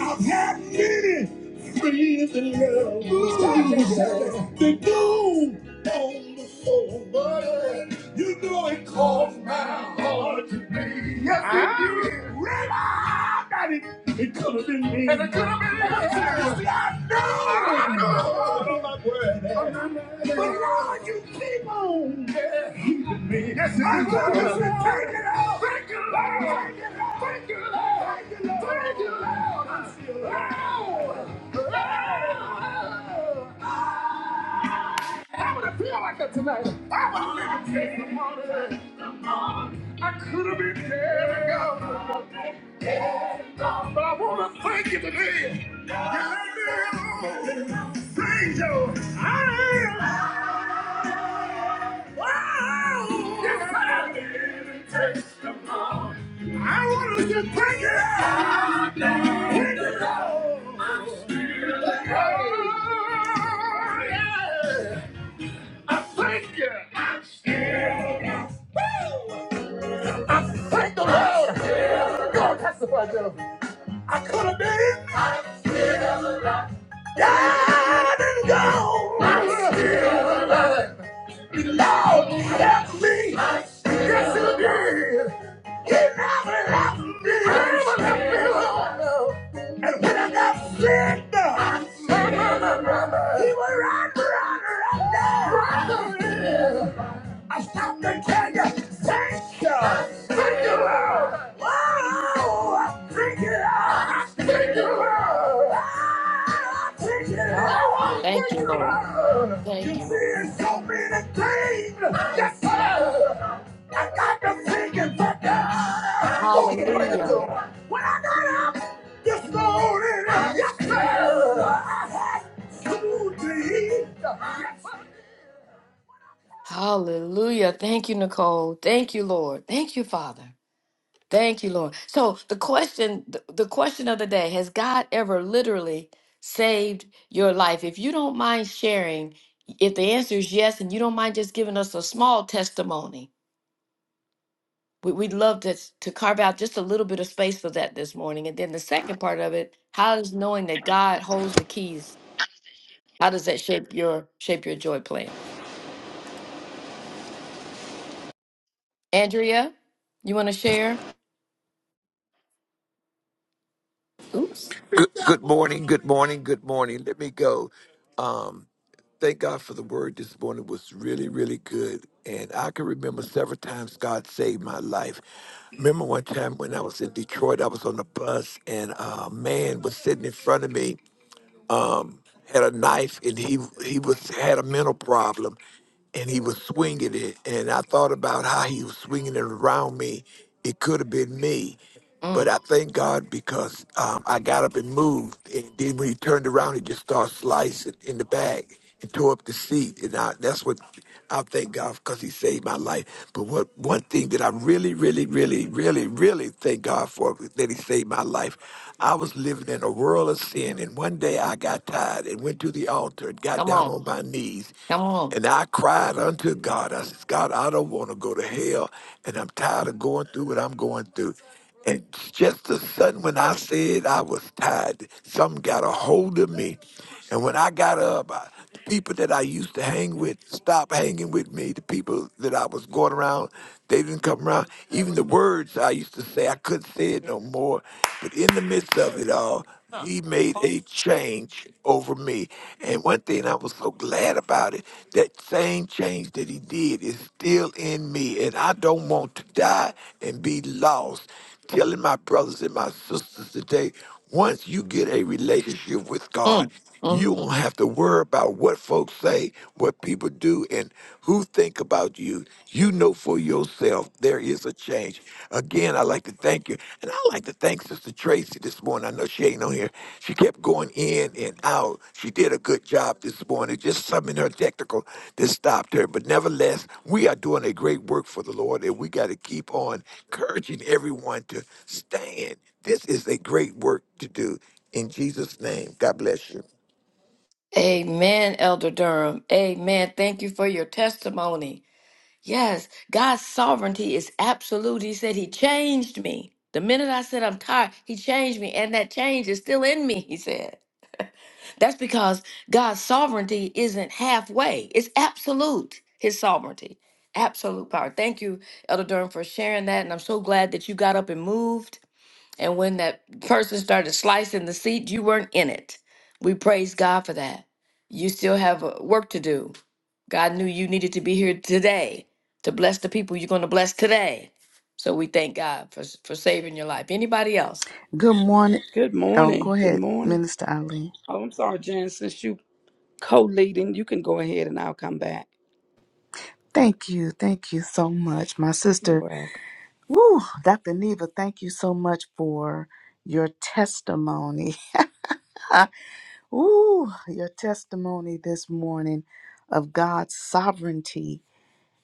S1: I've had many friends in love that do on the soul, but you know it caused my heart to bleed. Yes, it did. Right on, that it, it could have been me. And it could have been me. Yes, I know. I know. But I'm not worried. But Lord, you keep on keeping me. Yes, it I is. want you to take it out, Lord. Thank you, Lord. Thank you, Lord. Thank you, Lord. Thank you, Lord. Thank you, Lord. Lord. I would have feel like that tonight. I would have been money. I could have been dead and gone. But I want to thank you today. You let me alone. Thank you. I am. I want to just bring it out. Bring it out. Oh, yeah. I thank you. I am still I thank the Lord. I could have been dead and gone. I'm still Lord, help me. Yes, you did. He never left me. He never left me alone. And when I got sick, I said, He would run, run, run down. I stopped and tell you, thank you, thank you, Lord. Wow, thank you, Lord. Thank you, Lord. Ah, Thank you, Lord.
S5: Thank
S1: Thank
S5: you,
S1: you,
S5: Lord.
S1: Lord. You
S5: Thank you,
S1: see,
S5: Lord.
S1: it's so many things. Yes,
S5: Thank
S1: sir. I got the thinking for God.
S5: you.
S1: Oh, praise the
S5: Hallelujah.
S1: Lord. I got this Lord in it Yes, indeed.
S5: Hallelujah. Thank you, Nicole. Thank you, Lord. Thank you, Father. Thank you, Lord. So the question, th- the question of the day, has God ever literally saved your life? If you don't mind sharing, if the answer is yes, and you don't mind just giving us a small testimony, we, we'd love to, to carve out just a little bit of space for that this morning. And then the second part of it, how does knowing that God holds the keys, how does that shape your shape your joy plan? Andrea, you want to share? Oops.
S6: Good, good morning. Good morning. Good morning. Let me go. Um, thank God for the word this morning It was really, really good. And I can remember several times God saved my life. Remember one time when I was in Detroit, I was on the bus and a man was sitting in front of me um, had a knife and he he was had a mental problem and he was swinging it and I thought about how he was swinging it around me. It could have been me, but
S5: Mm,
S6: I thank God because um, I got up and moved and then when he turned around he just started slicing in the back and tore up the sea. And I, that's what I thank God because He saved my life. But what one thing that I really, really, really, really, really thank God for is that He saved my life. I was living in a world of sin, and one day I got tired and went to the altar and got
S5: come
S6: down
S5: on.
S6: on my knees.
S5: Come on.
S6: And I cried unto God. I said, God, I don't want to go to hell, and I'm tired of going through what I'm going through. And just a sudden, when I said I was tired, something got a hold of me. And when I got up, I, the people that I used to hang with stopped hanging with me. The people that I was going around, they didn't come around. Even the words I used to say, I couldn't say it no more. But in the midst of it, of it all, he made a change over me. And one thing I was so glad about it, that same change that he did is still in me. And I don't want to die and be lost. Telling my brothers and my sisters today, once you get a relationship with God,
S5: Mm, mm.
S6: you won't have to worry about what folks say, what people do, and who think about you. You know for yourself there is a change. Again, I'd like to thank you. And I'd like to thank Sister Tracy this morning. I know she ain't on here. She kept going in and out. She did a good job this morning. Just something in her technical that stopped her. But nevertheless, we are doing a great work for the Lord, and we got to keep on encouraging everyone to stand. This is a great work to do. In Jesus' name, God bless you.
S5: Amen, Elder Durham. Amen. Thank you for your testimony. Yes, God's sovereignty is absolute. He said, He changed me. The minute I said I'm tired, He changed me, and that change is still in me, He said. That's because God's sovereignty isn't halfway, it's absolute, His sovereignty. Absolute power. Thank you, Elder Durham, for sharing that. And I'm so glad that you got up and moved. And when that person started slicing the seat, you weren't in it. We praise God for that. You still have uh, work to do. God knew you needed to be here today to bless the people you're going to bless today. So we thank God for s- for saving your life. Anybody else?
S4: Good morning.
S7: Good
S4: Oh, go
S7: morning. Good
S4: ahead,
S7: morning.
S4: Minister Eileen.
S7: Oh, I'm sorry, Jan. Since you co-leading, you can go ahead and I'll come back.
S4: Thank you. Thank you so much. My
S7: You're
S4: sister,
S7: welcome.
S4: woo, Dr. Neva, thank you so much for your testimony. Ooh, your testimony this morning of God's sovereignty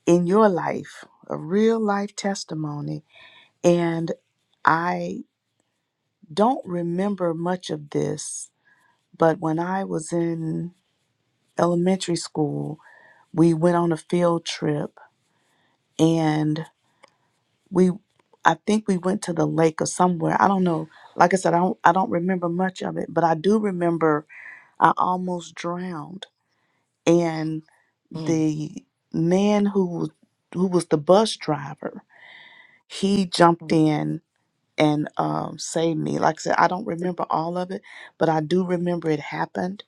S4: in your life, a real life testimony. And I don't remember much of this, but when I was in elementary school, we went on a field trip and we I think we went to the lake or somewhere. I don't know. Like I said, I don't I don't remember much of it, but I do remember I almost drowned and
S5: Mm.
S4: the man who was who was the bus driver, he jumped in and um, saved me. Like I said, I don't remember all of it, but I do remember it happened.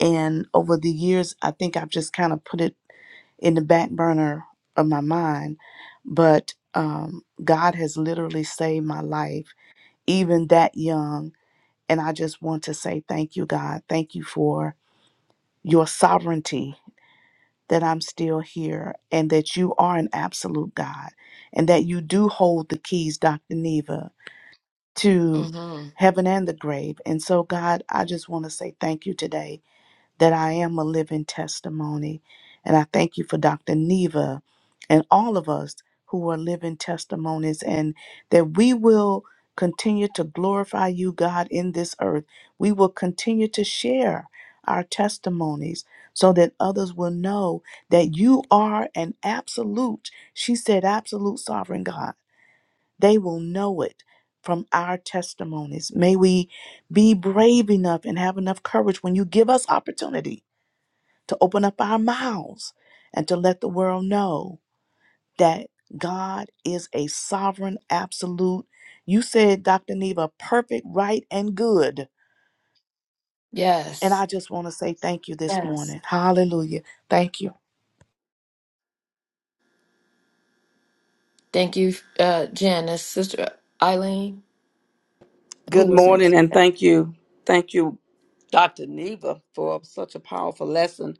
S4: And over the years, I think I've just kind of put it in the back burner of my mind, but um, God has literally saved my life, even that young. And I just want to say thank you, God. Thank you for your sovereignty that I'm still here and that you are an absolute God and that you do hold the keys, Dr. Neva, to
S5: Mm-hmm.
S4: heaven and the grave. And so, God, I just want to say thank you today that I am a living testimony. And I thank you for Dr. Neva and all of us who are living testimonies, and that we will continue to glorify you, God, in this earth. We will continue to share our testimonies so that others will know that you are an absolute, she said, absolute sovereign God. They will know it from our testimonies. May we be brave enough and have enough courage when you give us opportunity to open up our mouths and to let the world know that God is a sovereign, absolute. You said, Dr. Neva, perfect, right, and good. And
S5: Yes.
S4: I just want to say thank you this
S5: Yes.
S4: morning. Hallelujah. Thank you.
S5: Thank you, uh, Janice, Sister Eileen. Who
S7: Good
S5: was
S7: morning,
S5: next?
S7: and thank you, thank you, Dr. Neva, for such a powerful lesson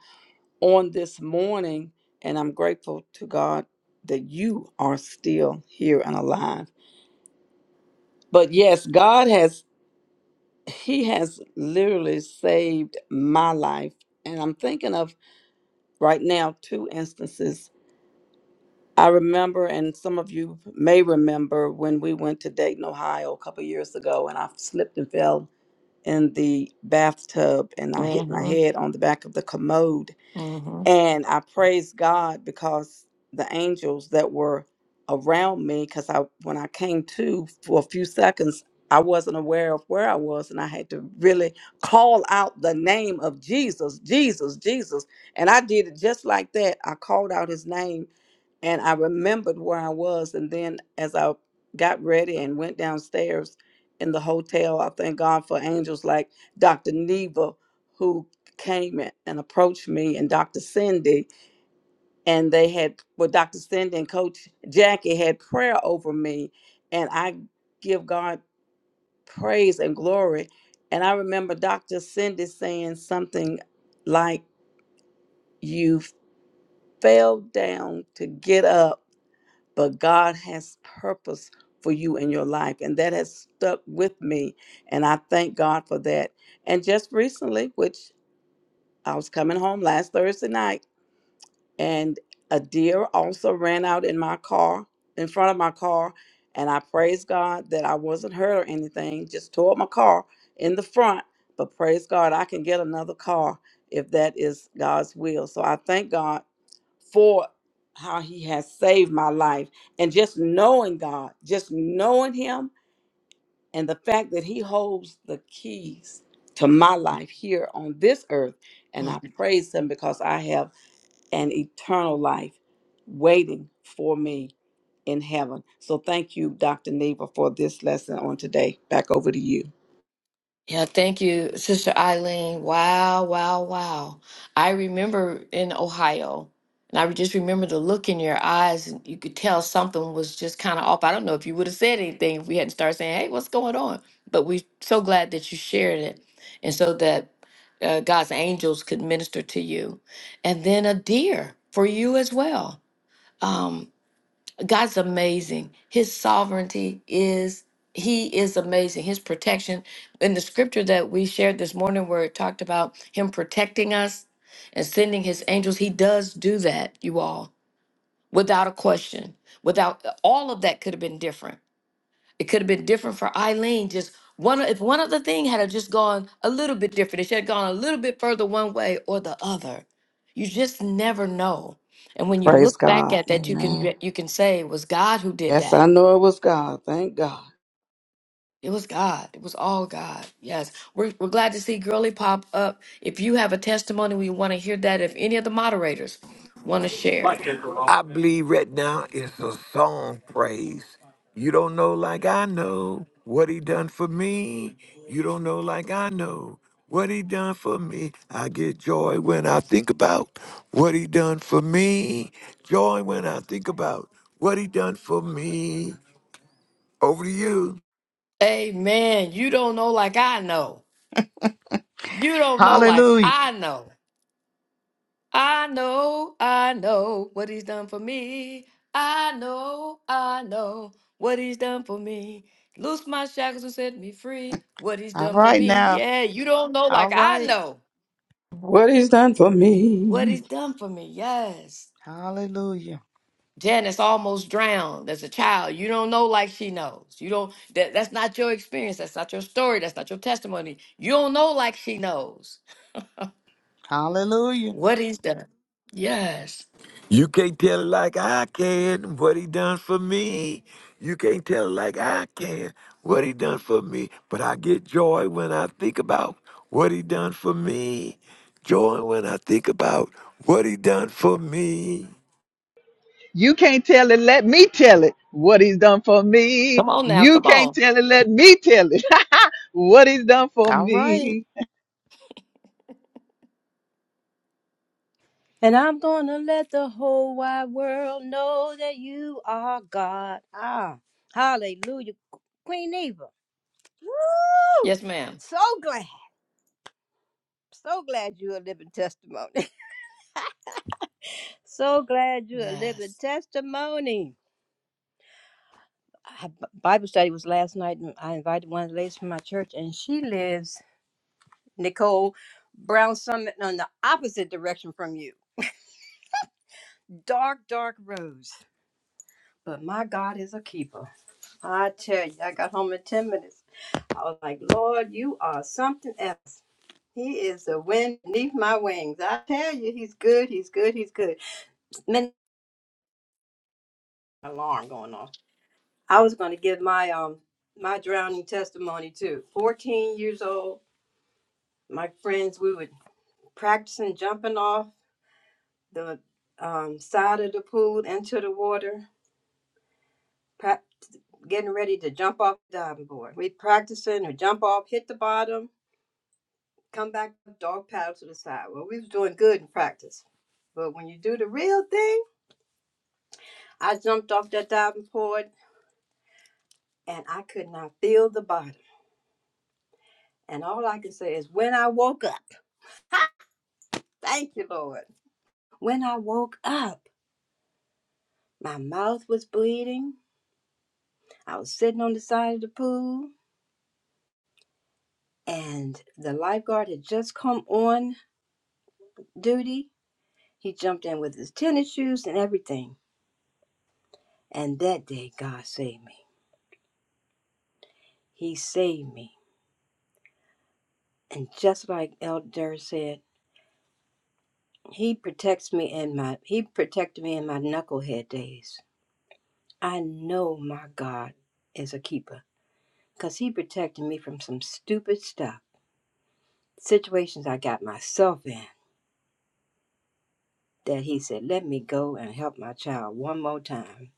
S7: on this morning. And I'm grateful to God that you are still here and alive. But yes, God has He has literally saved my life, and I'm thinking of right now two instances I remember, and some of you may remember, when we went to Dayton, Ohio a couple years ago, and I slipped and fell in the bathtub and I hit my
S5: Mm-hmm.
S7: head on the back of the commode.
S5: Mm-hmm.
S7: And I praise God because the angels that were around me, because I when I came to for a few seconds, I wasn't aware of where I was, and I had to really call out the name of Jesus, Jesus, Jesus. And I did it just like that. I called out his name and I remembered where I was. And then as I got ready and went downstairs in the hotel, I thank God for angels like Dr. Neva, who came a- and approached me and Dr. Cindy, and they had, well, Dr. Cindy and Coach Jackie had prayer over me, and I give God praise and glory. And I remember Dr. Cindy saying something like, You fell down to get up, but God has purpose for you in your life. And that has stuck with me. And I thank God for that. And just recently, which I was coming home last Thursday night, and a deer also ran out in my car in front of my car and i praise god that i wasn't hurt or anything just tore up my car in the front but praise god i can get another car if that is god's will so i thank god for how he has saved my life and just knowing god just knowing him and the fact that he holds the keys to my life here on this earth and i praise him because i have and eternal life waiting for me in heaven. So thank you, Dr. Neva, for this lesson on today. Back over to you.
S5: Yeah, thank you, Sister Eileen. Wow, wow, wow. I remember in Ohio, and I just remember the look in your eyes, and you could tell something was just kind of off. I don't know if you would have said anything if we hadn't started saying, hey, what's going on? But we're so glad that you shared it, and so that uh, God's angels could minister to you. And then a deer for you as well. Um, God's amazing. His sovereignty is he is amazing. His protection in the scripture that we shared this morning where it talked about him protecting us and sending his angels, he does do that, you all, without a question. Without all of that could have been different it could have been different for Eileen. Just one, if one other thing had have just gone a little bit different, it should have gone a little bit further one way or the other. You just never know. And when you
S7: Praise
S5: look back
S7: God.
S5: at that, you can
S7: Amen.
S5: be- you can say it was God who did
S7: Yes, I
S5: that.
S7: know it was God. Thank God.
S5: It was God. It was all God. Yes, we're we're glad to see Girly pop up. If you have a testimony, we want to hear that. If any of the moderators want to share,
S6: I believe right now it's a song praise. You don't know like I know what he done for me. You don't know like I know what he done for me. I get joy when I think about what he done for me. Joy when I think about what he done for me. Over to you.
S5: Amen. You don't know like I know. You don't know like
S4: Hallelujah.
S5: I know. I know, I know what he's done for me. I know, I know what he's done for me. Loose my shackles and set me free. What he's
S4: All
S5: done for
S4: right
S5: me.
S4: now.
S5: Yeah, you don't know
S4: All
S5: like I
S4: right.
S5: know
S7: What he's done for
S5: what
S7: me.
S5: he's done for me. Yes.
S4: Hallelujah.
S5: Janice almost drowned as a child. You don't know like she knows. You don't that, that's not your experience. That's not your story. That's not your testimony. You don't know like she knows
S4: Hallelujah.
S5: what he's done. Yes.
S6: You can't tell it like I can what he done for me. You can't tell it like I can what he done for me. But I get joy when I think about what he done for me. Joy when I think about what he done for me.
S1: You can't tell it, let me tell it what he's done for me.
S5: Come on now.
S1: You
S5: Come
S1: can't
S5: on.
S1: tell it, let me tell it what he's done for
S4: All right.
S1: me.
S8: And I'm gonna let the whole wide world know that you are God. Ah, hallelujah. Queen Eva. Woo!
S5: Yes, ma'am.
S8: So glad. So glad you're a living testimony. so glad you're a living
S5: Yes.
S8: testimony. I, B- Bible study was last night, and I invited one of the ladies from my church, and she lives, Nicole Brown Summit, on the opposite direction from you. Dark, dark roads. But my God is a keeper. I tell you, I got home in 10 minutes. I was like, Lord, you are something else. He is the wind beneath my wings. I tell you, he's good. He's good. He's good. Min- alarm going off. I was going to give my um my drowning testimony too. 14 years old, my friends, we were practicing jumping off the um, side of the pool into the water, prac- getting ready to jump off the diving board. We practicing or jump off, hit the bottom. come back with dog paddle to the side. Well, we was doing good in practice. But when you do the real thing, I jumped off that diving board and I could not feel the bottom. And all I can say is when I woke up, ha, thank you, Lord. When I woke up, my mouth was bleeding. I was sitting on the side of the pool and the lifeguard had just come on duty. He jumped in with his tennis shoes and everything. And that day, God saved me. He saved me. And just like Elder said, he protects me in my he protected me in my knucklehead days. I know my God is a keeper because he protected me from some stupid stuff, situations I got myself in that he said, "Let me go and help my child one more time."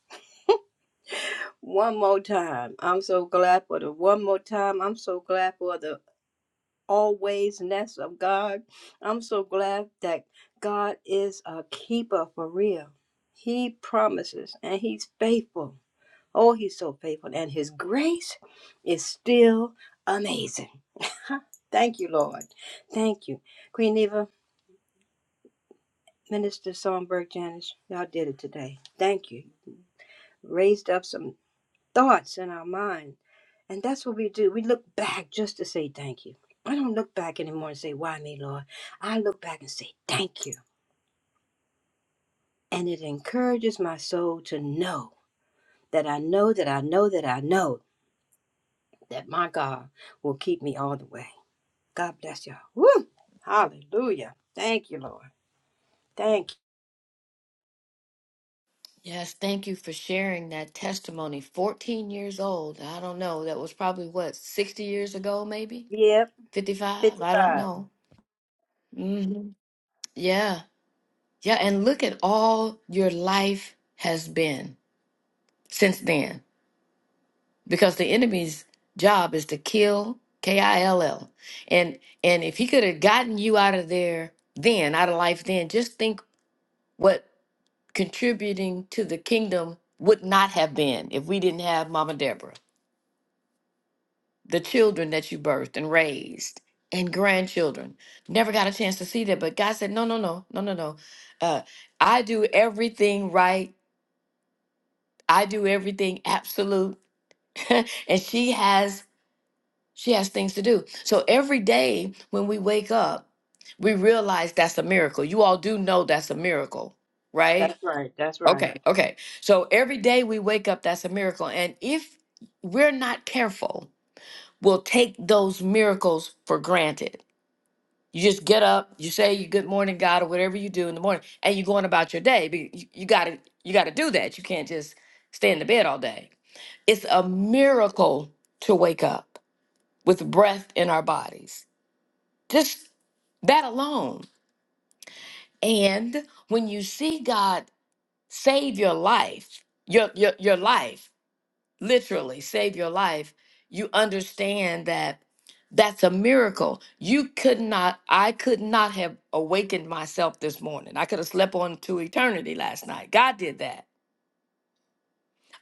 S8: One more time. I'm so glad for the one more time. I'm so glad for the always, and that's of God. I'm so glad that God is a keeper for real. He promises and He's faithful. Oh, He's so faithful, and His grace is still amazing. Thank you, Lord. Thank you. Queen Eva, Minister Songbird Janice, y'all did it today. Thank you. Raised up some thoughts in our mind. And that's what we do. We look back just to say thank you. I don't look back anymore and say, Why me, Lord? I look back and say, Thank you. And it encourages my soul to know that I know that I know that I know that my God will keep me all the way. God bless y'all. Woo! Hallelujah. Thank you, Lord. Thank
S5: Yes, thank you for sharing that testimony. 14 years old. I don't know. That was probably what, 60 years ago, maybe?
S8: you. Yep,
S5: 55? I don't
S8: 55.
S5: know. hmm Yeah. Yeah. And look at all your life has been since then, because the enemy's job is to kill, K I L L. And, and if he could have gotten you out of there then, out of life then, just think what contributing to the kingdom would not have been if we didn't have Mama Deborah. the children that you birthed and raised and grandchildren never got a chance to see that but god said no no no no no no uh, i do everything right i do everything absolute and she has she has things to do so every day when we wake up we realize that's a miracle you all do know that's a miracle right
S8: That's right. That's right.
S5: okay okay so every day we wake up that's a miracle and if we're not careful we'll take those miracles for granted You just get up, you say your good morning, God, or whatever you do in the morning, and you're going about your day. But you, you gotta you gotta do that. You can't just stay in the bed all day. It's a miracle to wake up with breath in our bodies. Just that alone. And when you see God save your life, your your, your life. literally save your life, you understand that that's a miracle. You could not, I could not have awakened myself this morning. I could have slept on to eternity last night. God did that.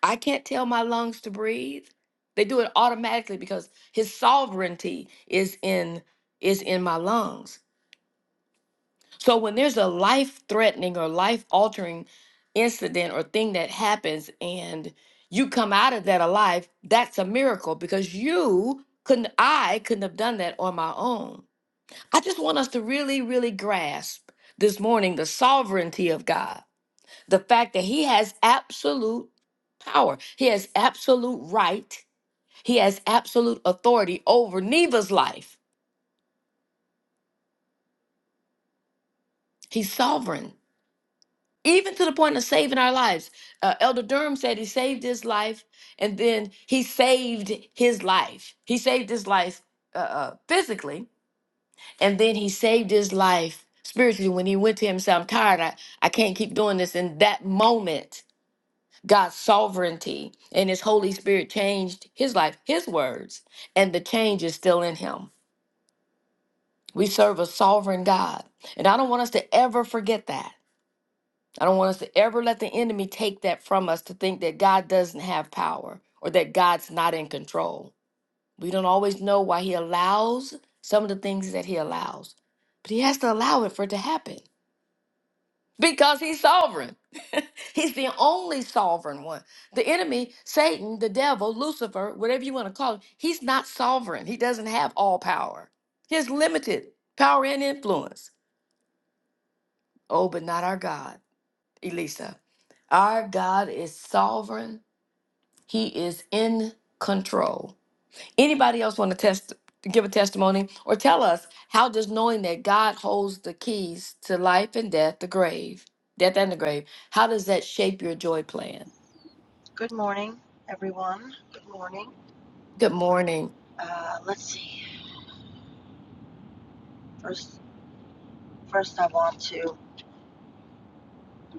S5: I can't tell my lungs to breathe. They do it automatically because his sovereignty is in is in my lungs. So when there's a life threatening or life altering incident or thing that happens and you come out of that alive, that's a miracle because you couldn't I couldn't have done that on my own. I just want us to really really grasp this morning the sovereignty of God. The fact that he has absolute power. He has absolute right. He has absolute authority over Neva's life. He's sovereign. even to the point of saving our lives. Uh, Elder Durham said he saved his life, and then he saved his life. He saved his life uh, uh, physically, and then he saved his life spiritually when he went to him and said, I'm tired. I, I can't keep doing this. In that moment, God's sovereignty and his Holy Spirit changed his life, his words, and the change is still in him. We serve a sovereign God. And I don't want us to ever forget that. I don't want us to ever let the enemy take that from us to think that God doesn't have power or that God's not in control. We don't always know why he allows some of the things that he allows, but he has to allow it for it to happen because he's sovereign. he's the only sovereign one. The enemy, Satan, the devil, Lucifer, whatever you want to call him, he's not sovereign. He doesn't have all power. He has limited power and influence. Oh, but not our God. Elisa. Our God is sovereign. He is in control. Anybody else want to test give a testimony or tell us how does knowing that God holds the keys to life and death, the grave, death and the grave, how does that shape your joy plan?
S9: Good morning, everyone. Good morning.
S5: Good morning.
S9: Uh, let's see. First, first I want to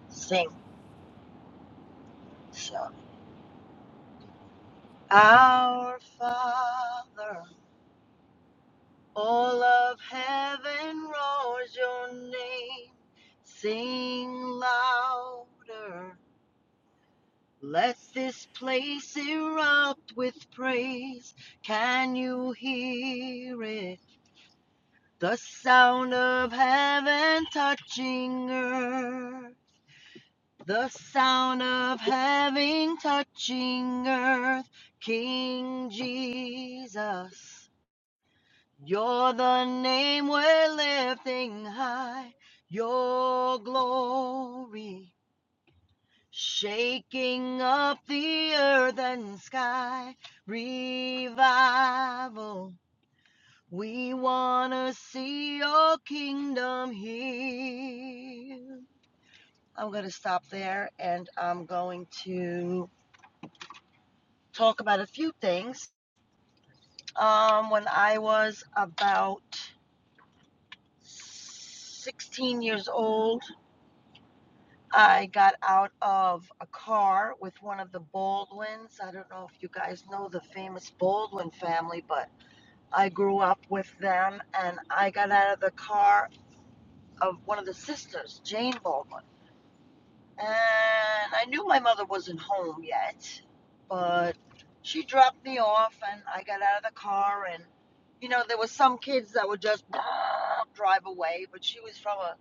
S9: sing. So, Our Father, all of heaven roars your name. Sing louder. Let this place erupt with praise. Can you hear it? The sound of heaven touching earth. The sound of heaven touching earth, King Jesus. You're the name we're lifting high, your glory. Shaking up the earth and sky, revival. We want to see your kingdom here. I'm going to stop there and I'm going to talk about a few things. Um, when I was about 16 years old, I got out of a car with one of the Baldwins. I don't know if you guys know the famous Baldwin family, but I grew up with them and I got out of the car of one of the sisters, Jane Baldwin. And I knew my mother wasn't home yet, but she dropped me off and I got out of the car and you know, there were some kids that would just drive away, but she was from a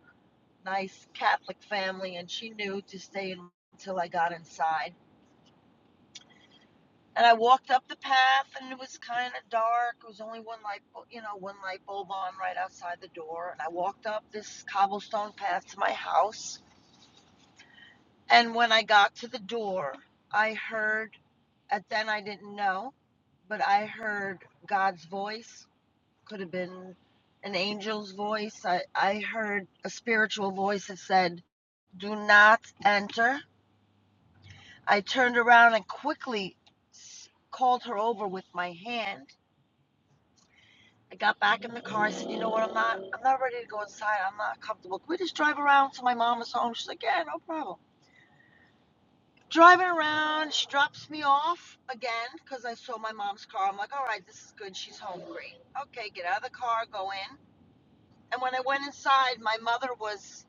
S9: nice Catholic family and she knew to stay until I got inside. And I walked up the path and it was kind of dark. It was only one light, you know, one light bulb on right outside the door. And I walked up this cobblestone path to my house. And when I got to the door, I heard At then I didn't know, but I heard God's voice. Could have been an angel's voice. I, I heard a spiritual voice that said, Do not enter. I turned around and quickly called her over with my hand. I got back in the car. I said, You know what? I'm not. I'm not ready to go inside. I'm not comfortable. Can we just drive around till my mom is home? She's like, Yeah, no problem. driving around. She drops me off again because I saw my mom's car. I'm like, all right, this is good. She's home. Great. Okay, get out of the car, go in. And when I went inside, my mother was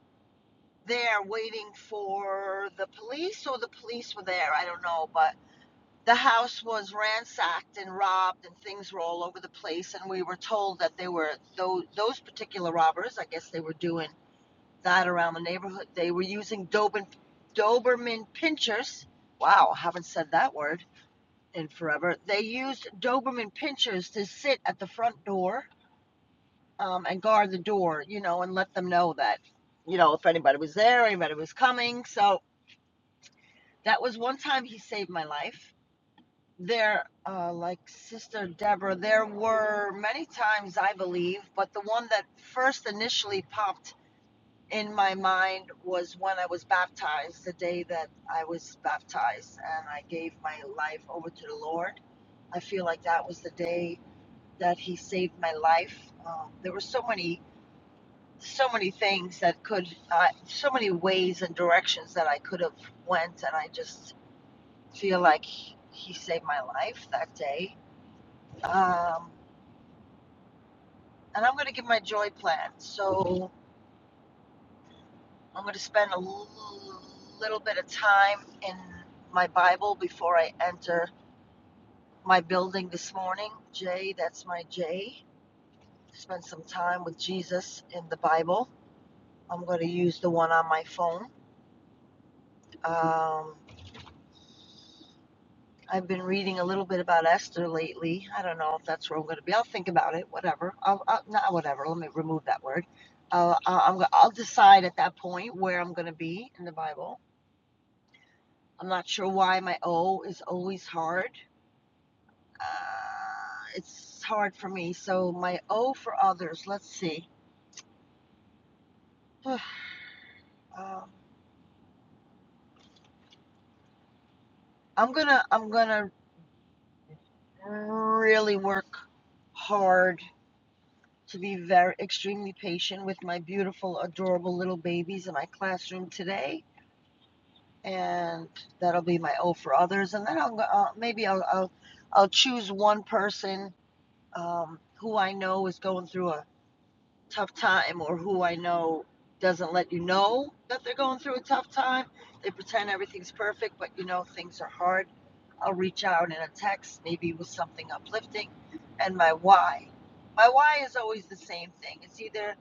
S9: there waiting for the police, or the police were there. I don't know. But the house was ransacked and robbed, and things were all over the place. And we were told that they were, those, those particular robbers, I guess they were doing that around the neighborhood. They were using Doberman, Doberman pinchers. Wow, haven't said that word and forever. They used Doberman Pinschers to sit at the front door um, and guard the door, you know, and let them know that, you know, if anybody was there, anybody was coming. So that was one time he saved my life. There, uh, like Sister Deborah, there were many times, I believe, but the one that first initially popped in my mind was when I was baptized, the day that I was baptized and I gave my life over to the Lord. I feel like that was the day that he saved my life. Um, there were so many, so many things that could, uh, so many ways and directions that I could have went, and I just feel like he saved my life that day. Um, and I'm going to give my joy plan. So I'm going to spend a l- little bit of time in my Bible before I enter my building this morning. J, that's my J. Spend some time with Jesus in the Bible. I'm going to use the one on my phone Um, I've been reading a little bit about Esther lately. I don't know if that's where I'm going to be. I'll think about it. Whatever. I'll, I'll, not whatever. Let me remove that word. Uh, I- I'm. go- I'll decide at that point where I'm going to be in the Bible. I'm not sure why my O is always hard. Uh, it's hard for me. So my O for others. Let's see. um, I'm gonna. I'm gonna really work hard to be very extremely patient with my beautiful, adorable little babies in my classroom today, and that'll be my O for others. And then I'll uh, maybe I'll, I'll I'll choose one person um, who I know is going through a tough time, or who I know doesn't let you know that they're going through a tough time. They pretend everything's perfect, but you know things are hard. I'll reach out in a text, maybe with something uplifting, and my why. My why is always the same thing. It's either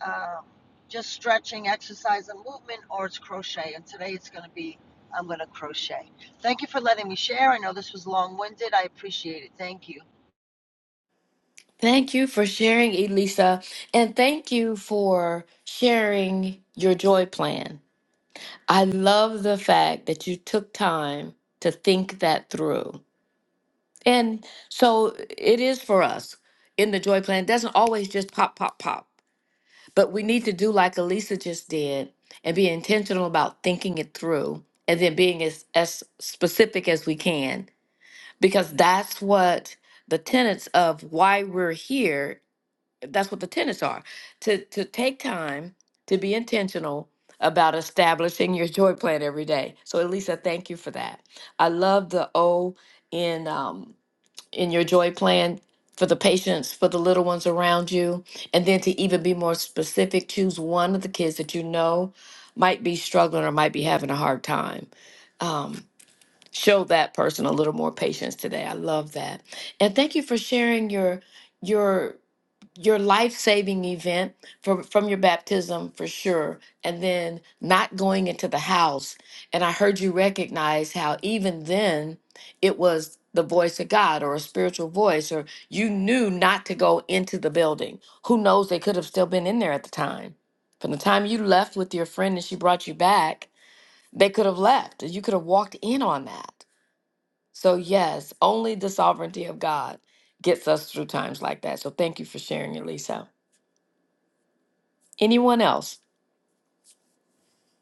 S9: uh, just stretching, exercise, and movement, or it's crochet. And today it's going to be I'm going to crochet. Thank you for letting me share. I know this was long winded. I appreciate it. Thank you.
S5: Thank you for sharing, Elisa, and thank you for sharing your joy plan. I love the fact that you took time to think that through. And so it is for us in the joy plan. It doesn't always just pop, pop, pop. But we need to do like Elisa just did and be intentional about thinking it through and then being as, as specific as we can because that's what the tenets of why we're here that's what the tenets are to to take time to be intentional about establishing your joy plan every day so elisa thank you for that i love the o in um, in your joy plan for the patients, for the little ones around you. And then to even be more specific, choose one of the kids that you know might be struggling or might be having a hard time. Um, show that person a little more patience today. I love that. And thank you for sharing your your your life-saving event from from your baptism for sure and then not going into the house and i heard you recognize how even then it was the voice of god or a spiritual voice or you knew not to go into the building who knows they could have still been in there at the time from the time you left with your friend and she brought you back they could have left you could have walked in on that so yes only the sovereignty of god gets us through times like that so thank you for sharing elisa Anyone else?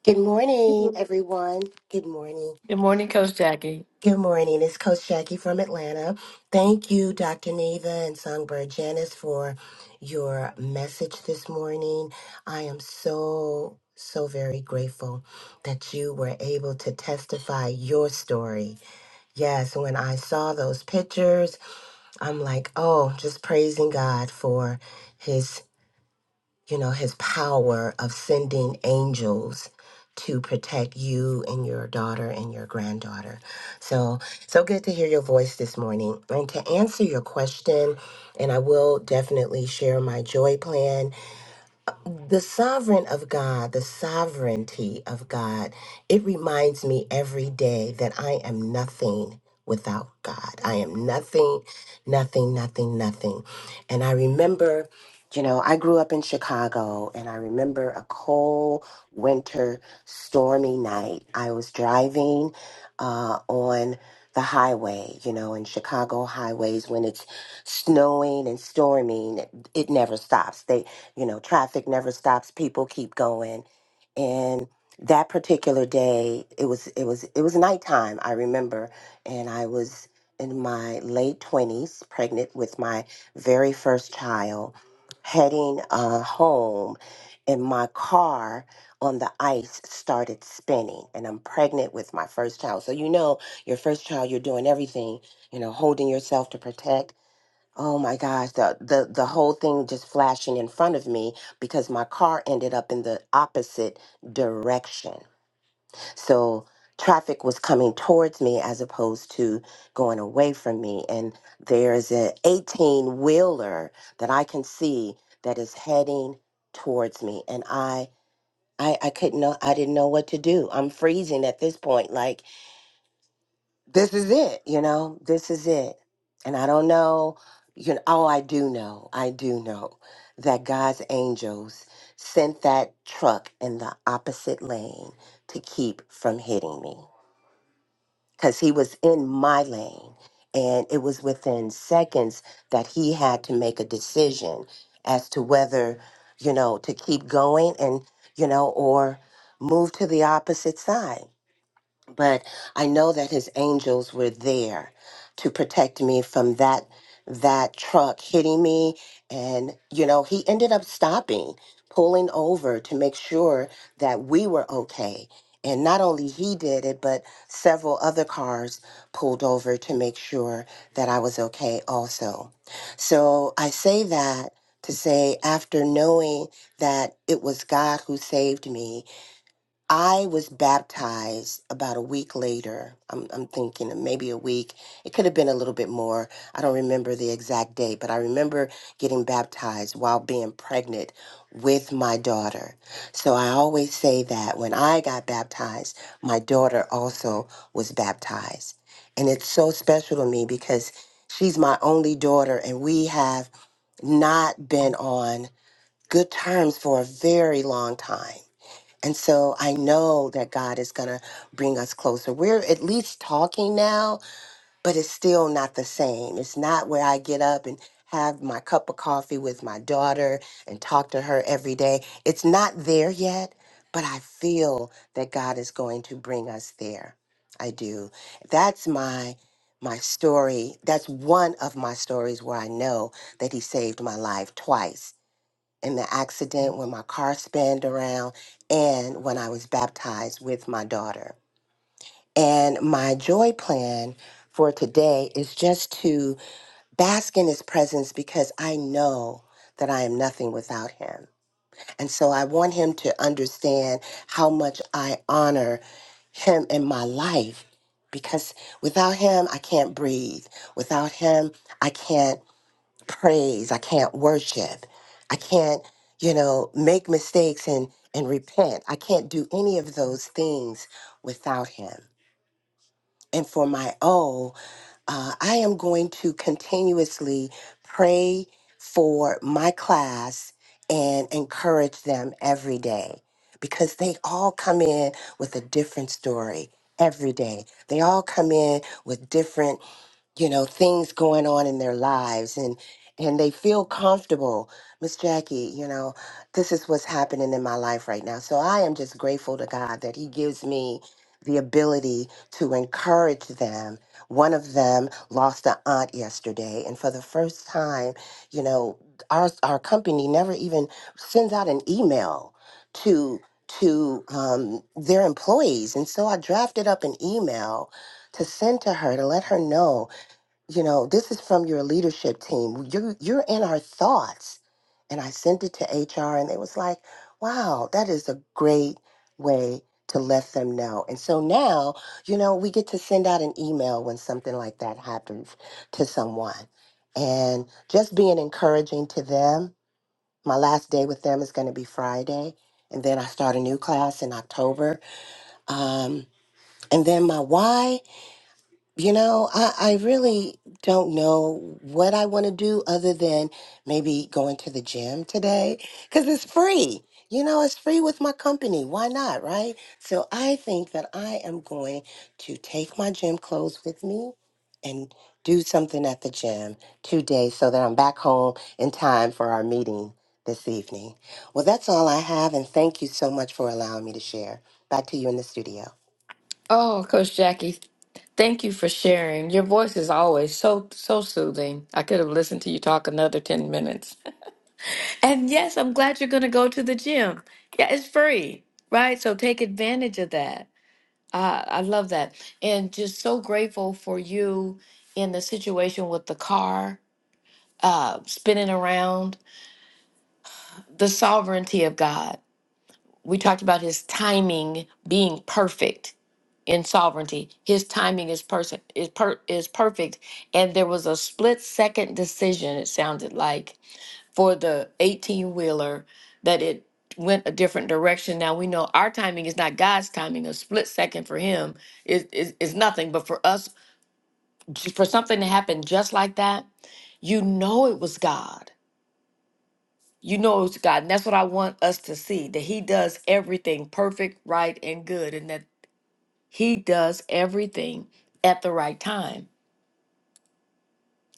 S10: Good morning,
S5: Good
S10: everyone. Good morning.
S5: morning, Coach Jackie.
S10: Good morning. It's Coach Jackie from Atlanta. Thank you, Dr. Neva and Songbird Janice, for your message this morning. I am so, so very grateful that you were able to testify your story. Yes, when I saw those pictures, I'm like, oh, just praising God for. His you know, his power of sending angels to protect you and your daughter and your granddaughter. So, so good to hear your voice this morning. And to answer your question, and I will definitely share my joy plan the sovereign of God, the sovereignty of God, it reminds me every day that I am nothing without God. I am nothing, nothing, nothing, nothing. And I remember, you know, I grew up in Chicago and I remember a cold winter stormy night. I was driving uh, on the highway, you know, in Chicago highways when it's snowing and storming, it, it never stops. They you know, traffic never stops, people keep going. And that particular day, it was it was it was nighttime, I remember, and I was in my late 20s, pregnant with my very first child, heading uh, home, and my car on the ice started spinning. And I'm pregnant with my first child. So, you know, your first child, you're doing everything, you know, holding yourself to protect Oh my gosh, the, the the whole thing just flashing in front of me because my car ended up in the opposite direction. So traffic was coming towards me as opposed to going away from me. And there's an 18 wheeler that I can see that is heading towards me. And I I, I couldn't know I didn't know what to do. I'm freezing at this point. Like this is it, you know, this is it. And I don't know, you know, oh, I do know, I do know that God's angels sent that truck in the opposite lane to keep from hitting me because he was in my lane. And it was within seconds that he had to make a decision as to whether, you know, to keep going and, you know, or move to the opposite side but I know that his angels were there to protect me from that that truck hitting me and you know he ended up stopping pulling over to make sure that we were okay and not only he did it but several other cars pulled over to make sure that I was okay also so I say that to say after knowing that it was God who saved me I was baptized about a week later. I'm, I'm thinking maybe a week. It could have been a little bit more. I don't remember the exact date, but I remember getting baptized while being pregnant with my daughter. So I always say that when I got baptized, my daughter also was baptized. And it's so special to me because she's my only daughter, and we have not been on good terms for a very long time and so I know that God is going to bring us closer. We're at least talking now, but it's still not the same. It's not where I get up and have my cup of coffee with my daughter and talk to her every day. It's not there yet, but I feel that God is going to bring us there. I do. That's my my story. That's one of my stories where I know that he saved my life twice in the accident when my car spanned around and when I was baptized with my daughter. And my joy plan for today is just to bask in his presence because I know that I am nothing without him. And so I want him to understand how much I honor him in my life because without him, I can't breathe. Without him, I can't praise. I can't worship. I can't, you know, make mistakes and, and repent. I can't do any of those things without Him. And for my O, uh, I am going to continuously pray for my class and encourage them every day because they all come in with a different story every day. They all come in with different you know things going on in their lives and and they feel comfortable miss jackie you know this is what's happening in my life right now so i am just grateful to god that he gives me the ability to encourage them one of them lost an aunt yesterday and for the first time you know our our company never even sends out an email to to um, their employees and so i drafted up an email to send to her to let her know you know this is from your leadership team you're you're in our thoughts and i sent it to hr and they was like wow that is a great way to let them know and so now you know we get to send out an email when something like that happens to someone and just being encouraging to them my last day with them is going to be friday and then i start a new class in october um, and then my why you know, I, I really don't know what I want to do other than maybe going to the gym today because it's free. You know, it's free with my company. Why not, right? So I think that I am going to take my gym clothes with me and do something at the gym today so that I'm back home in time for our meeting this evening. Well, that's all I have, and thank you so much for allowing me to share. Back to you in the studio.
S5: Oh, Coach Jackie, thank you for sharing. Your voice is always so so soothing. I could have listened to you talk another 10 minutes. And yes, I'm glad you're going to go to the gym. Yeah, it's free, right? So take advantage of that. Uh, I love that. And just so grateful for you in the situation with the car uh, spinning around, the sovereignty of God. We talked about his timing being perfect in sovereignty. His timing is person is per is perfect. And there was a split second decision, it sounded like, for the 18 wheeler that it went a different direction. Now we know our timing is not God's timing. A split second for him is is, is nothing. But for us, j- for something to happen just like that, you know it was God. You know it was God. And that's what I want us to see that He does everything perfect, right, and good. and that. He does everything at the right time.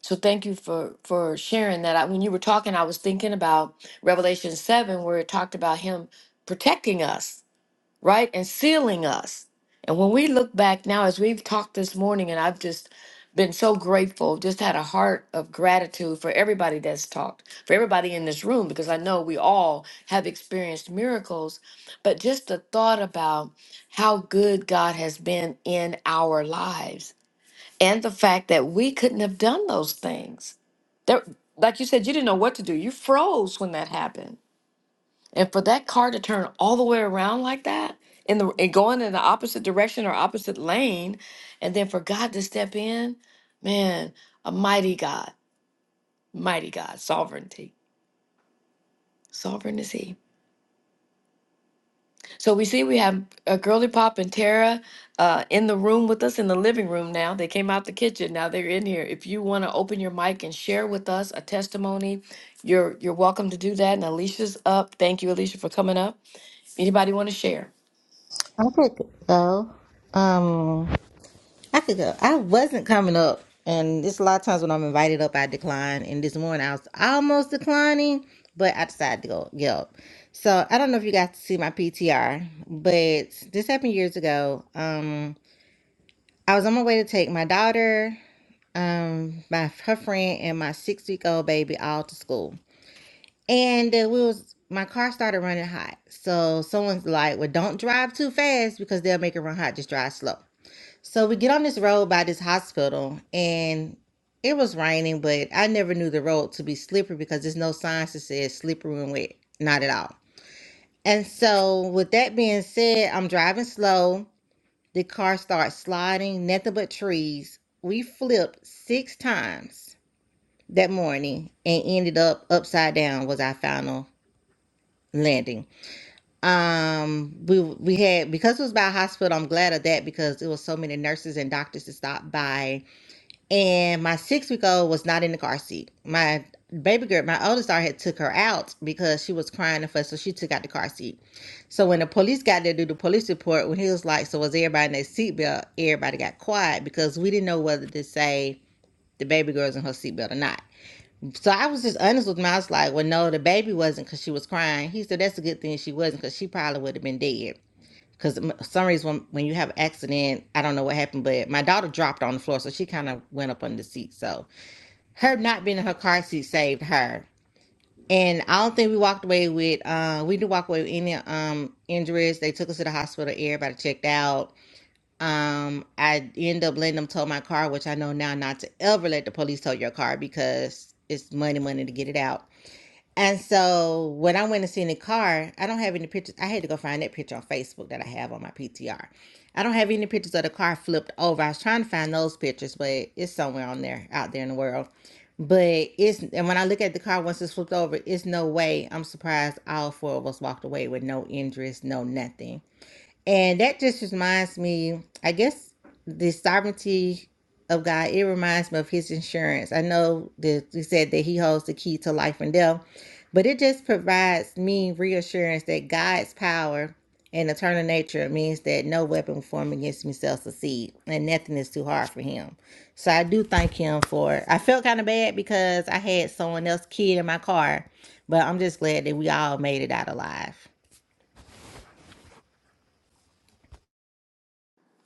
S5: So thank you for for sharing that. I, when you were talking, I was thinking about Revelation seven, where it talked about Him protecting us right? And sealing us. And when we look back now, as we've talked this morning, and I've just been so grateful, just had a heart of gratitude for everybody that's talked, for everybody in this room, because I know we all have experienced miracles. But just the thought about how good God has been in our lives and the fact that we couldn't have done those things. There, like you said, you didn't know what to do. You froze when that happened and for that car to turn all the way around like that in the and going in the opposite direction or opposite lane, and then for God to step in, man, a mighty God, mighty God, sovereignty. Sovereign is he. So we see we have uh, Girly Pop and Tara uh, in the room with us in the living room now. They came out the kitchen. Now they're in here. If you want to open your mic and share with us a testimony, you're you're welcome to do that. And Alicia's up. Thank you, Alicia, for coming up. Anybody want to share?
S11: I could go. Um, I could go. I wasn't coming up, and there's a lot of times when I'm invited up, I decline. And this morning I was almost declining, but I decided to go get up. So I don't know if you guys see my PTR, but this happened years ago. Um, I was on my way to take my daughter, um, my her friend, and my six week old baby all to school, and uh, we was. My car started running hot. So someone's like, well, don't drive too fast because they'll make it run hot. Just drive slow. So we get on this road by this hospital, and it was raining, but I never knew the road to be slippery because there's no signs that says slippery and wet, not at all. And so, with that being said, I'm driving slow. The car starts sliding, nothing but trees. We flipped six times that morning and ended up upside down was our final landing. Um, we we had because it was by a hospital. I'm glad of that because it was so many nurses and doctors to stop by and my six week old was not in the car seat. My baby girl, my oldest daughter, had took her out because she was crying and fuss, so she took out the car seat. So when the police got there to do the police report, when he was like, "So was everybody in their seatbelt?" Everybody got quiet because we didn't know whether to say the baby girl's in her seatbelt or not. So I was just honest with him. I was like, "Well, no, the baby wasn't because she was crying." He said, "That's a good thing she wasn't because she probably would have been dead." because for some reason when, when you have an accident, I don't know what happened, but my daughter dropped on the floor, so she kind of went up on the seat. So her not being in her car seat saved her. And I don't think we walked away with uh we didn't walk away with any um injuries. They took us to the hospital, everybody checked out. Um I ended up letting them tow my car, which I know now not to ever let the police tow your car because it's money money to get it out. And so when I went and seen the car, I don't have any pictures. I had to go find that picture on Facebook that I have on my PTR. I don't have any pictures of the car flipped over. I was trying to find those pictures, but it's somewhere on there, out there in the world. But it's and when I look at the car once it's flipped over, it's no way. I'm surprised all four of us walked away with no injuries, no nothing. And that just reminds me, I guess, the sovereignty of God. It reminds me of His insurance. I know that we said that He holds the key to life and death, but it just provides me reassurance that God's power and eternal nature means that no weapon formed against me shall succeed, and nothing is too hard for Him. So I do thank Him for. it. I felt kind of bad because I had someone else kid in my car, but I'm just glad that we all made it out alive.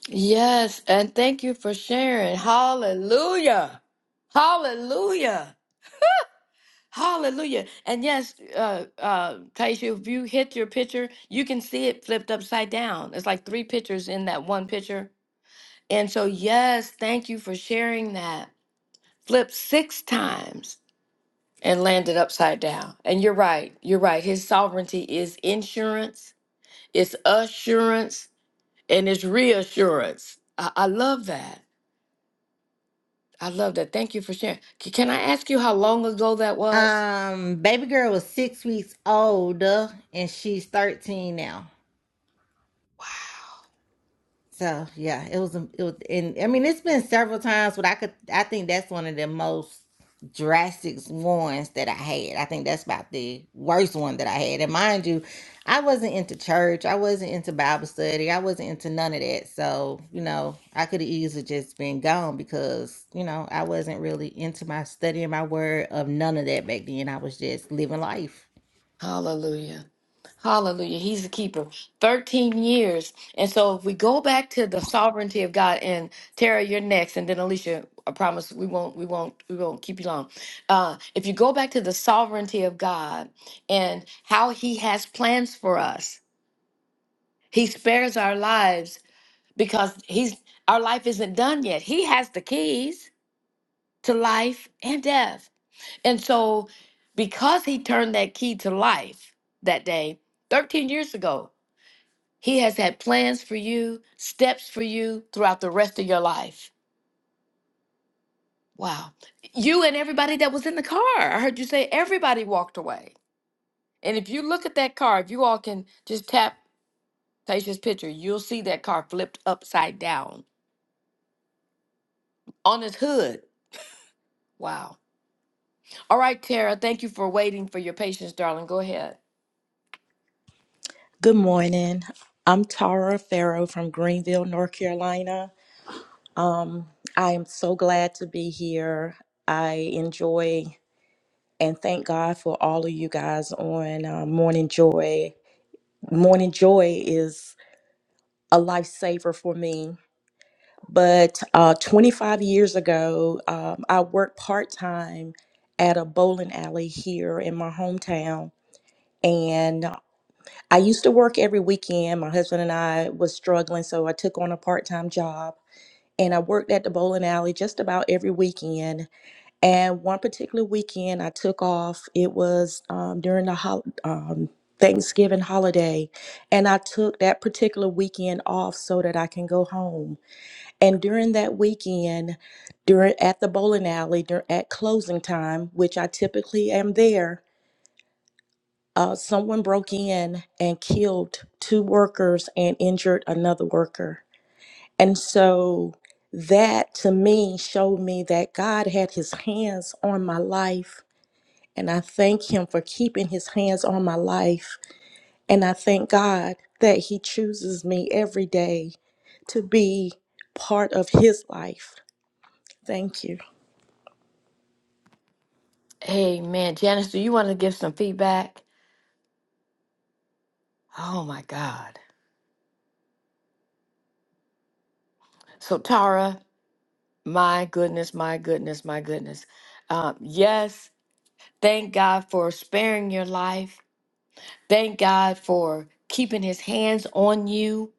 S5: Yes, and thank you for sharing. Hallelujah. Hallelujah. Hallelujah. And yes, uh uh Taisha, if you hit your picture, you can see it flipped upside down. It's like three pictures in that one picture. And so yes, thank you for sharing that. Flipped six times and landed upside down. And you're right. You're right. His sovereignty is insurance, it's assurance, and it's reassurance. I, I love that. I love that. Thank you for sharing. C- Can I ask you how long ago that was?
S11: Um, baby girl was six weeks old, uh, and she's thirteen now.
S5: Wow.
S11: So yeah, it was. um, It was, and I mean, it's been several times, but I could. I think that's one of the most drastic ones that I had. I think that's about the worst one that I had. And mind you, I wasn't into church. I wasn't into Bible study. I wasn't into none of that. So you know, I could have easily just been gone because you know I wasn't really into my studying my word of none of that back then. I was just living life.
S5: Hallelujah. Hallelujah. He's the keeper. 13 years. And so if we go back to the sovereignty of God and Tara, you're next, and then Alicia, I promise we won't, we won't, we won't keep you long. Uh, if you go back to the sovereignty of God and how he has plans for us, he spares our lives because he's our life isn't done yet. He has the keys to life and death. And so, because he turned that key to life that day, 13 years ago, he has had plans for you, steps for you throughout the rest of your life. Wow. You and everybody that was in the car. I heard you say everybody walked away. And if you look at that car, if you all can just tap Tasha's picture, you'll see that car flipped upside down on its hood. Wow. All right, Tara, thank you for waiting for your patience, darling. Go ahead.
S12: Good morning. I'm Tara Farrow from Greenville, North Carolina. Um, I am so glad to be here. I enjoy and thank God for all of you guys on uh, Morning Joy. Morning Joy is a lifesaver for me. But uh, 25 years ago, um, I worked part time at a bowling alley here in my hometown. and. I used to work every weekend. My husband and I was struggling, so I took on a part-time job and I worked at the bowling alley just about every weekend. And one particular weekend, I took off. It was um, during the hol- um, Thanksgiving holiday, and I took that particular weekend off so that I can go home. And during that weekend, during at the bowling alley, during at closing time, which I typically am there, uh, someone broke in and killed two workers and injured another worker. And so that to me showed me that God had his hands on my life. And I thank him for keeping his hands on my life. And I thank God that he chooses me every day to be part of his life. Thank you.
S5: Hey, man. Janice, do you want to give some feedback? Oh my God. So, Tara, my goodness, my goodness, my goodness. Um, yes, thank God for sparing your life. Thank God for keeping his hands on you.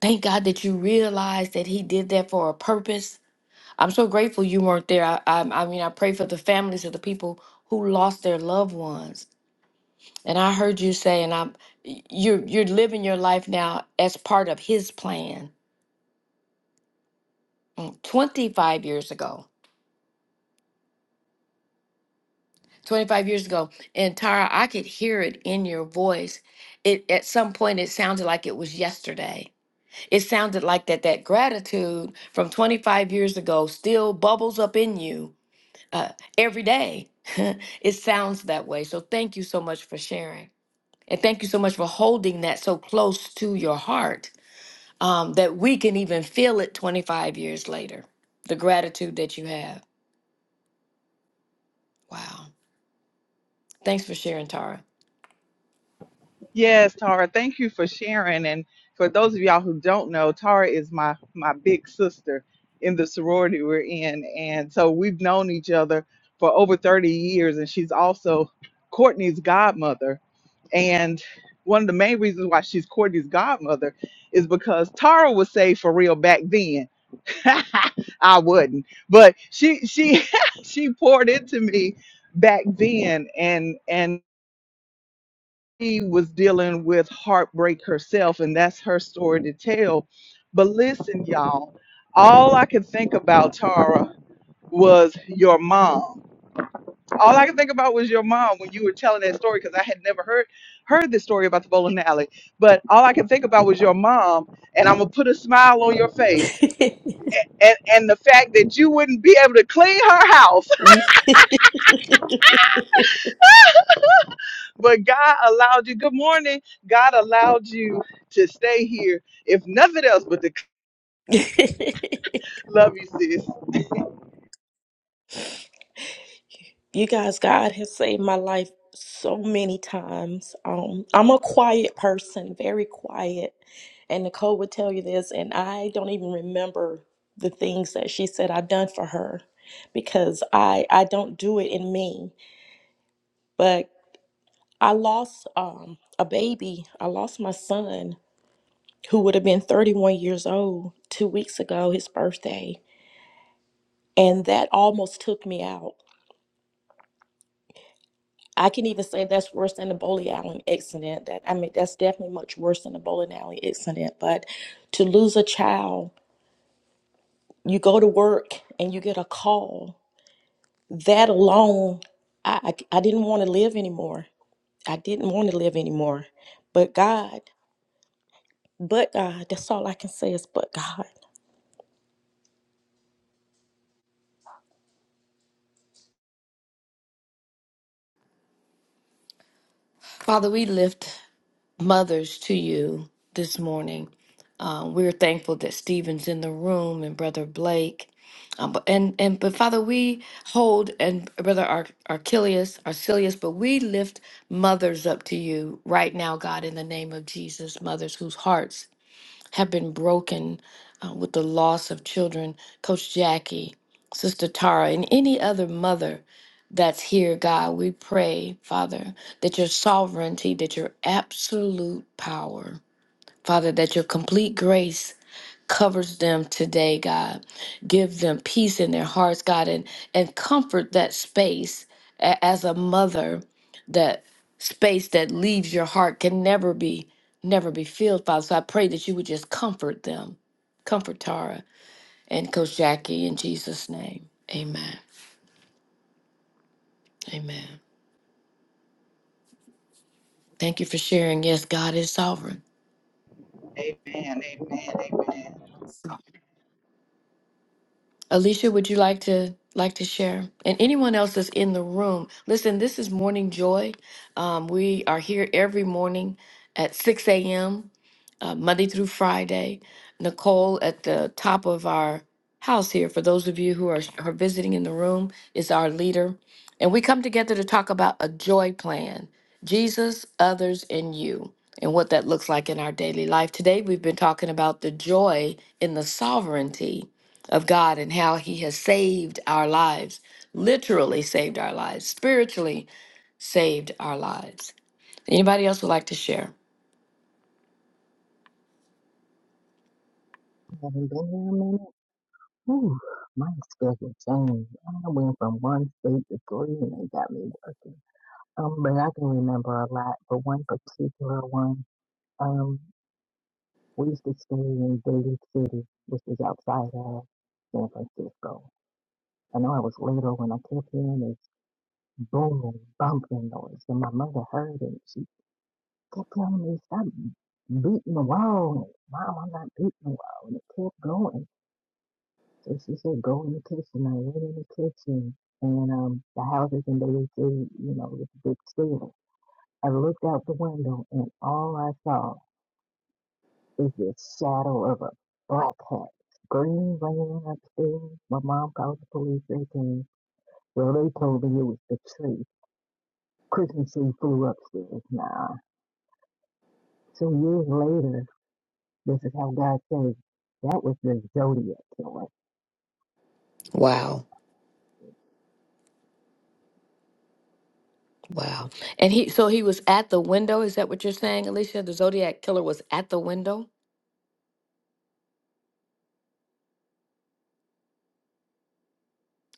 S5: Thank God that you realized that he did that for a purpose. I'm so grateful you weren't there. I, I, I mean, I pray for the families of the people who lost their loved ones. And I heard you say, and I'm you're you're living your life now as part of his plan. 25 years ago. 25 years ago. And Tara, I could hear it in your voice. It at some point it sounded like it was yesterday. It sounded like that that gratitude from 25 years ago still bubbles up in you uh, every day. it sounds that way. So thank you so much for sharing. And thank you so much for holding that so close to your heart um, that we can even feel it 25 years later. The gratitude that you have. Wow. Thanks for sharing, Tara.
S1: Yes, Tara, thank you for sharing. And for those of y'all who don't know, Tara is my my big sister in the sorority we're in. And so we've known each other for over 30 years and she's also Courtney's godmother And one of the main reasons why she's Courtney's godmother is because Tara was saved for real back then. I wouldn't, but she she she poured into me back then, and and she was dealing with heartbreak herself, and that's her story to tell. But listen, y'all, all I could think about Tara was your mom all I could think about was your mom when you were telling that story because I had never heard heard this story about the bowling alley. But all I could think about was your mom, and I'm gonna put a smile on your face, and and the fact that you wouldn't be able to clean her house, but God allowed you. Good morning, God allowed you to stay here, if nothing else, but to love you, sis.
S12: You guys, God has saved my life so many times. Um, I'm a quiet person, very quiet. And Nicole would tell you this, and I don't even remember the things that she said I've done for her because I I don't do it in me. But I lost um a baby. I lost my son who would have been 31 years old two weeks ago, his birthday. And that almost took me out. I can even say that's worse than the bowling alley accident. That I mean, that's definitely much worse than the bowling alley accident. But to lose a child, you go to work and you get a call. That alone, I I, I didn't want to live anymore. I didn't want to live anymore. But God, but God, that's all I can say is but God.
S5: Father, we lift mothers to you this morning. Uh, we're thankful that Stephen's in the room and Brother Blake. Um, but, and, and but Father, we hold and Brother Ar- Archelius, Arcelius, but we lift mothers up to you right now, God, in the name of Jesus, mothers whose hearts have been broken uh, with the loss of children. Coach Jackie, Sister Tara, and any other mother that's here, God, we pray, Father, that your sovereignty, that your absolute power, Father, that your complete grace covers them today, God. Give them peace in their hearts, God, and, and comfort that space A- as a mother. That space that leaves your heart can never be, never be filled, Father. So I pray that you would just comfort them. Comfort Tara and Coach Jackie in Jesus' name. Amen. Amen. Thank you for sharing. Yes, God is sovereign.
S1: Amen. Amen. Amen.
S5: Alicia, would you like to like to share? And anyone else that's in the room, listen. This is Morning Joy. Um, we are here every morning at six a.m. Uh, Monday through Friday. Nicole at the top of our house here. For those of you who are, are visiting in the room, is our leader, and we come together to talk about a joy plan: Jesus, others, and you. And what that looks like in our daily life. Today, we've been talking about the joy in the sovereignty of God and how He has saved our lives, literally saved our lives, spiritually saved our lives. Anybody else would like to share?
S13: Haven't been here a minute. Whew, my schedule changed. I went from one state to three and they got me working. Um, but I can remember a lot, but one particular one, um, we used to stay in Daly City, which is outside of San Francisco. I know I was little when I kept hearing this booming, bumping noise, and my mother heard it. She kept telling me, stop beating the wall. Mom, I'm not beating the wall. And it kept going. So she said, go in the kitchen. I went in the kitchen and um, the houses in Bay City, you know, this big ceiling. I looked out the window and all I saw is this shadow of a black cat. Scream ran upstairs. My mom called the police. They came. Well, they told me it was the tree. Christmas tree flew upstairs. Nah. So years later, this is how God says, that was the Zodiac killer
S5: Wow. Wow. And he so he was at the window. Is that what you're saying, Alicia? The Zodiac killer was at the window?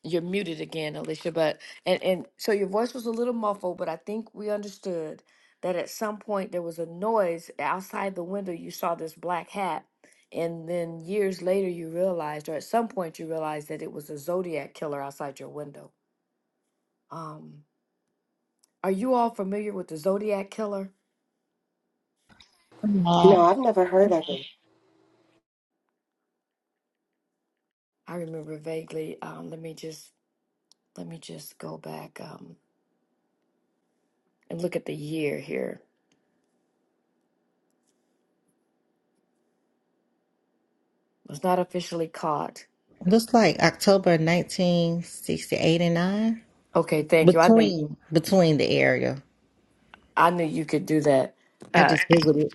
S5: You're muted again, Alicia, but and and so your voice was a little muffled, but I think we understood that at some point there was a noise outside the window. You saw this black hat, and then years later you realized, or at some point you realized that it was a Zodiac killer outside your window. Um, are you all familiar with the Zodiac killer?
S11: Uh,
S10: No, I've never heard of it.
S5: I remember vaguely. Um, let me just let me just go back um, and look at the year here. Was not officially caught.
S11: looks like October 1968 and 9.
S5: Okay, thank you. I knew.
S11: Between between the area.
S5: I knew you could do that.
S11: I
S5: Uh,
S11: just Googled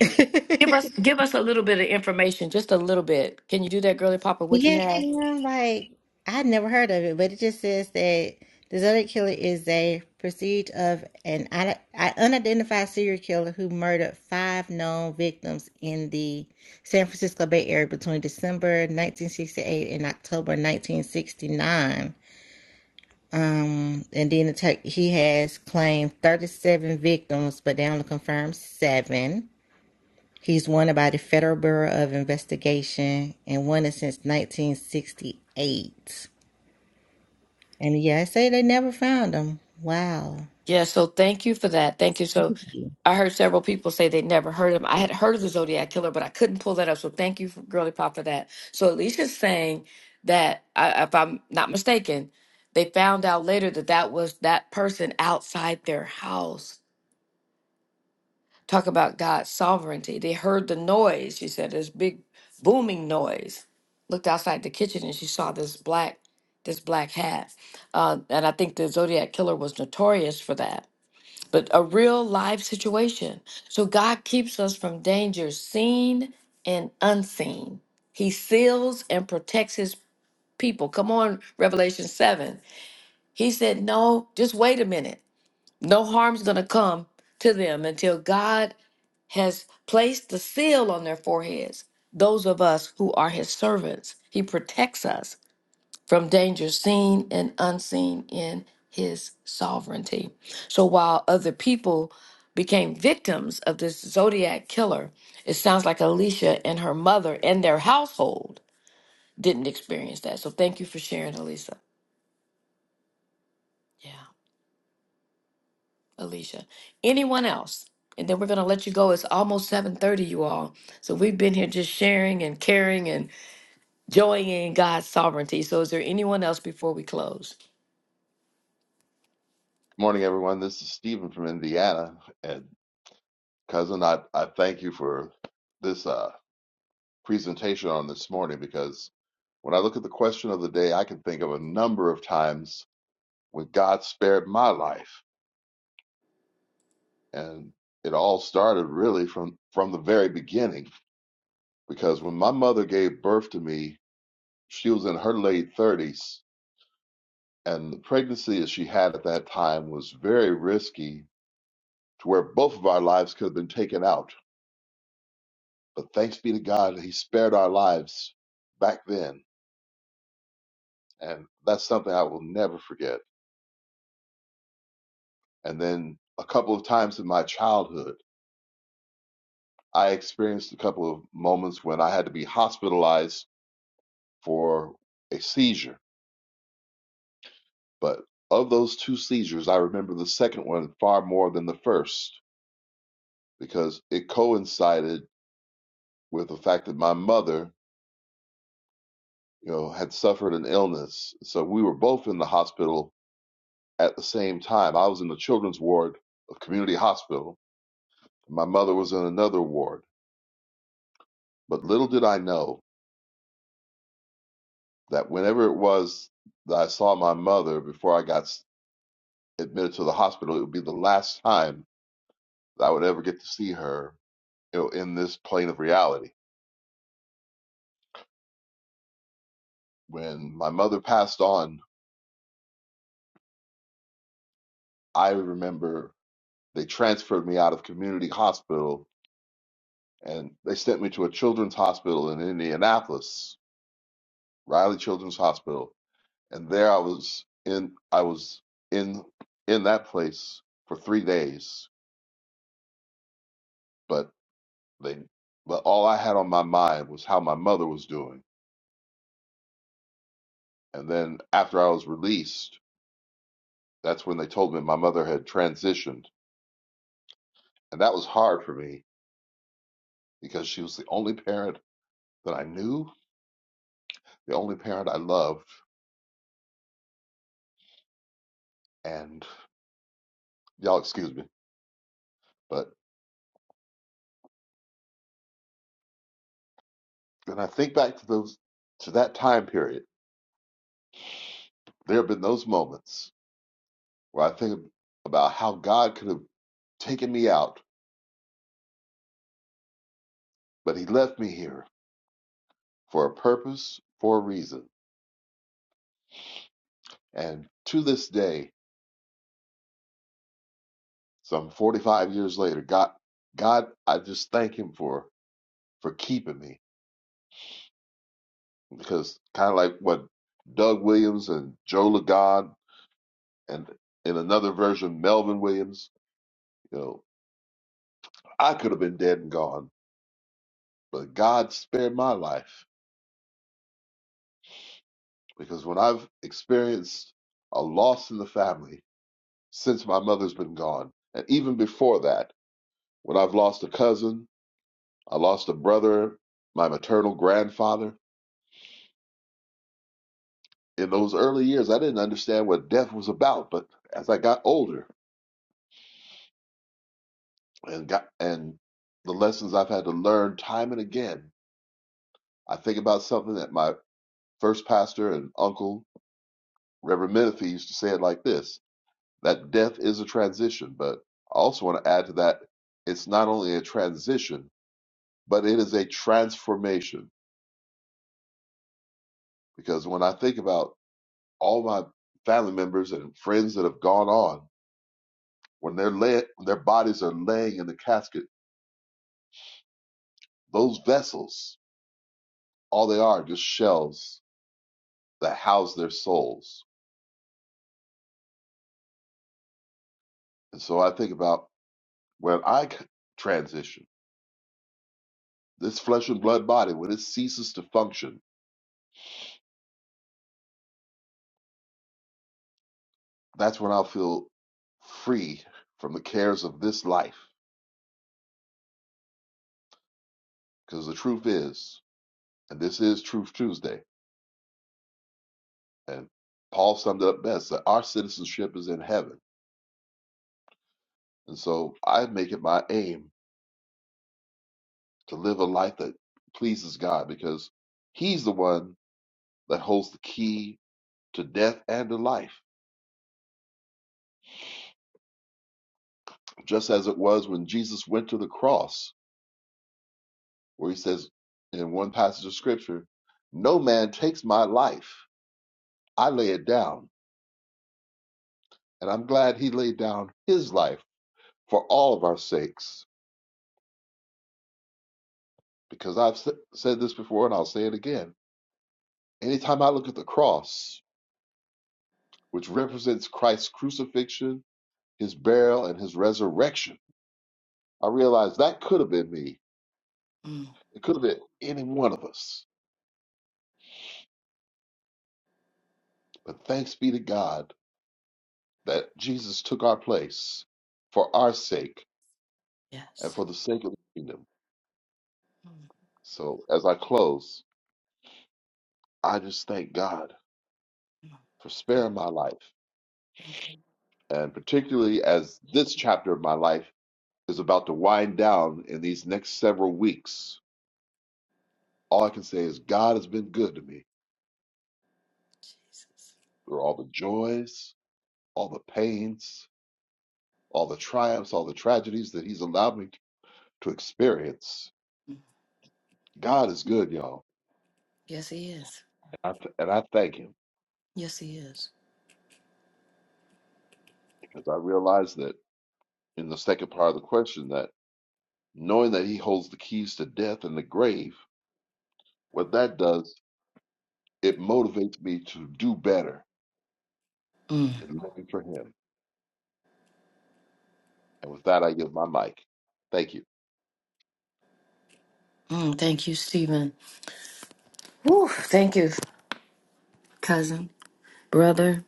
S5: give
S11: it.
S5: us give us a little bit of information, just a little bit. Can you do that, girly Papa? What you
S11: yes,
S5: have?
S11: ma'am. Like I had never heard of it, but it just says that the Zodiac Killer is a pursuit of an un- unidentified serial killer who murdered five known victims in the San Francisco Bay Area between December 1968 and October 1969. Um, and then the Tur- he has claimed 37 victims, but they only confirmed seven. He's wanted by the Federal Bureau of Investigation and wanted since 1968. And yeah, I say they never found him. Wow.
S5: Yeah. So thank you for that. Thank you. So
S11: Crazy.
S5: I heard several people say they'd never heard of him. I had heard of the Zodiac Killer, but I couldn't pull that up. So thank you, for, girly pop, for that. So Alicia's saying that, I, if I'm not mistaken, they found out later that that was that person outside their house Talk about God's sovereignty. They heard the noise. She said this big booming noise. Looked outside the kitchen and she saw this black this black hat. Uh, and I think the Zodiac killer was notorious for that. But a real life situation. So God keeps us from danger seen and unseen. He seals and protects his people. Come on, Revelation 7. He said, No, just wait a minute. No harm's going to come to them until God has placed the seal on their foreheads, those of us who are his servants. He protects us from danger seen and unseen in his sovereignty. So while other people became victims of this zodiac killer, it sounds like Alicia and her mother and their household didn't experience that. So thank you for sharing, Alicia. Yeah, Alicia. Anyone else? And then we're going to let you go. It's almost 7:30 you all. So we've been here just sharing and caring and. joy in God's sovereignty. So, is there anyone else before we close?
S14: Good Morning, everyone. This is Stephen from Indiana. And cousin, I, I thank you for this uh, presentation on this morning because when I look at the question of the day, I can think of a number of times when God spared my life. And it all started really from, from the very beginning because when my mother gave birth to me, she was in her late 30s. And the pregnancy that she had at that time was very risky to where both of our lives could have been taken out But thanks be to God, He spared our lives back then. And that's something I will never forget. And then a couple of times in my childhood, I experienced a couple of moments when I had to be hospitalized for a seizure. But of those two seizures, I remember the second one far more than the first because it coincided with the fact that my mother, you know, had suffered an illness. So we were both in the hospital At the same time, I was in the children's ward of Community Hospital. My mother was in another ward. But little did I know that whenever it was that I saw my mother before I got admitted to the hospital, it would be the last time that I would ever get to see her you know, in this plane of reality. When my mother passed on, I remember they transferred me out of Community Hospital and they sent me to a children's hospital in Indianapolis, Riley Children's Hospital and there I was in I was in in that place for three days, but they but all I had on my mind was how my mother was doing. And then after I was released, that's when they told me my mother had transitioned. And that was hard for me because she was the only parent that I knew, the only parent I loved, and y'all excuse me. But when I think back to those to that time period, there have been those moments where I think about how God could have taken me out, but He left me here for a purpose, for a reason. And to this day, some 45 years later, God, God, I just thank Him for for keeping me because kind of like what Doug Williams and Joe Lagan and in another version Melvin Williams, you know, I could have been dead and gone, but God spared my life because when I've experienced a loss in the family, since my mother's been gone. And even before that, when I've lost a cousin, I lost a brother, my maternal grandfather. In those early years, I didn't understand what death was about. But as I got older and got, and the lessons I've had to learn time and again, I think about something that my first pastor and uncle, Reverend Menifee, used to say it like this that death is a transition. But I also want to add to that it's not only a transition, but it is a transformation Because when I think about all my family members and friends that have gone on, when they're lay- when their bodies are laying in the casket, those vessels, all they are, just shells that house their souls. And so I think about when I c- transition, this flesh and blood body, when it ceases to function, that's when I'll feel free from the cares of this life. Because the truth is, and this is Truth Tuesday, and Paul summed it up best, that our citizenship is in heaven And so I make it my aim to live a life that pleases God because He's the one that holds the key to death and to life. Just as it was when Jesus went to the cross, where He says in one passage of Scripture, No man takes my life, I lay it down. And I'm glad He laid down His life for all of our sakes because I've s- said this before and I'll say it again. Anytime I look at the cross, which represents Christ's crucifixion his burial, and his resurrection. I realized that could have been me.
S5: Mm,
S14: It could have been any one of us. But thanks be to God that Jesus took our place for our sake and
S5: yes.
S14: for the sake of the kingdom.
S5: Mm,
S14: So as I close, I just thank God
S5: mm.
S14: for
S5: Thank
S14: sparing my life.
S5: thank you, Lord
S14: And particularly as this chapter of my life is about to wind down in these next several weeks, all I can say is God has been good to me
S5: Jesus.
S14: through all the joys, all the pains, all the triumphs, all the tragedies that He's allowed me to experience. God is good, y'all,
S5: Yes, He is.
S14: and I, and I thank Him
S5: Yes, He is.
S14: because I realize that in the second part of the question that knowing that He holds the keys to death and the grave, what that does, it motivates me to do better
S5: Mm,
S14: in looking for Him. And with that, I give my mic. Thank you.
S5: mm. Thank you, Stephen. Whew, thank you, cousin, brother.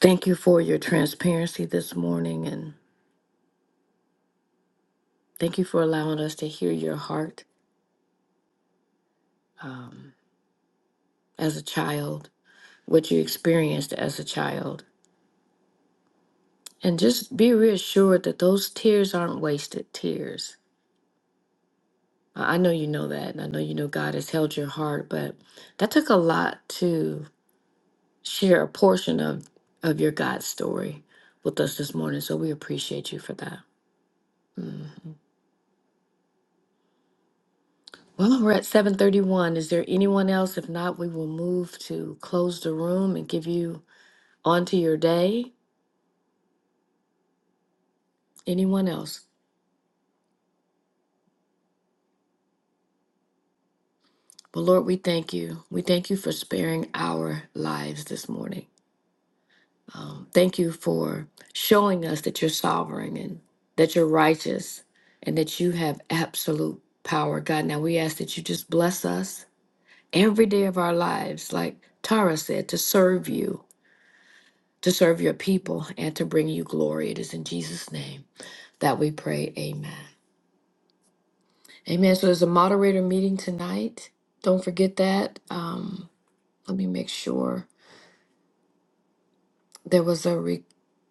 S5: Thank you for your transparency this morning, and thank you for allowing us to hear your heart um, as a child, what you experienced as a child. And just be reassured that those tears aren't wasted tears I I know you know that, and I know you know God has held your heart, but that took a lot to share a portion of of your God story with us this morning. So we appreciate you for that. Mhm. Well, we're at 7:31. Is there anyone else? If not, we will move to close the room and give you on to your day. Anyone else? But Lord, we thank you. We thank you for sparing our lives this morning. Um, thank you for showing us that you're sovereign and that you're righteous and that you have absolute power, God. Now we ask that you just bless us every day of our lives, like Tara said, to serve you, to serve your people, and to bring you glory. It is in Jesus' name that we pray. Amen. Amen. So there's a moderator meeting tonight. Don't forget that. Um, let me make sure. There was a re-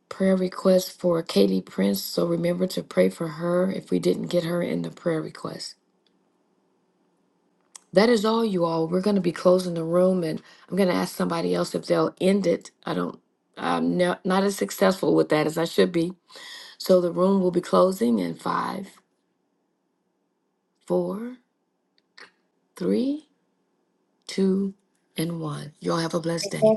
S5: prayer request for Katie Prince, so remember to pray for her if we didn't get her in the prayer request. That is all, you all. We're going to be closing the room, and I'm going to ask somebody else if they'll end it. I don't, I'm no, not as successful with that as I should be. So the room will be closing in five, four, three, two, and one. You all have a blessed day.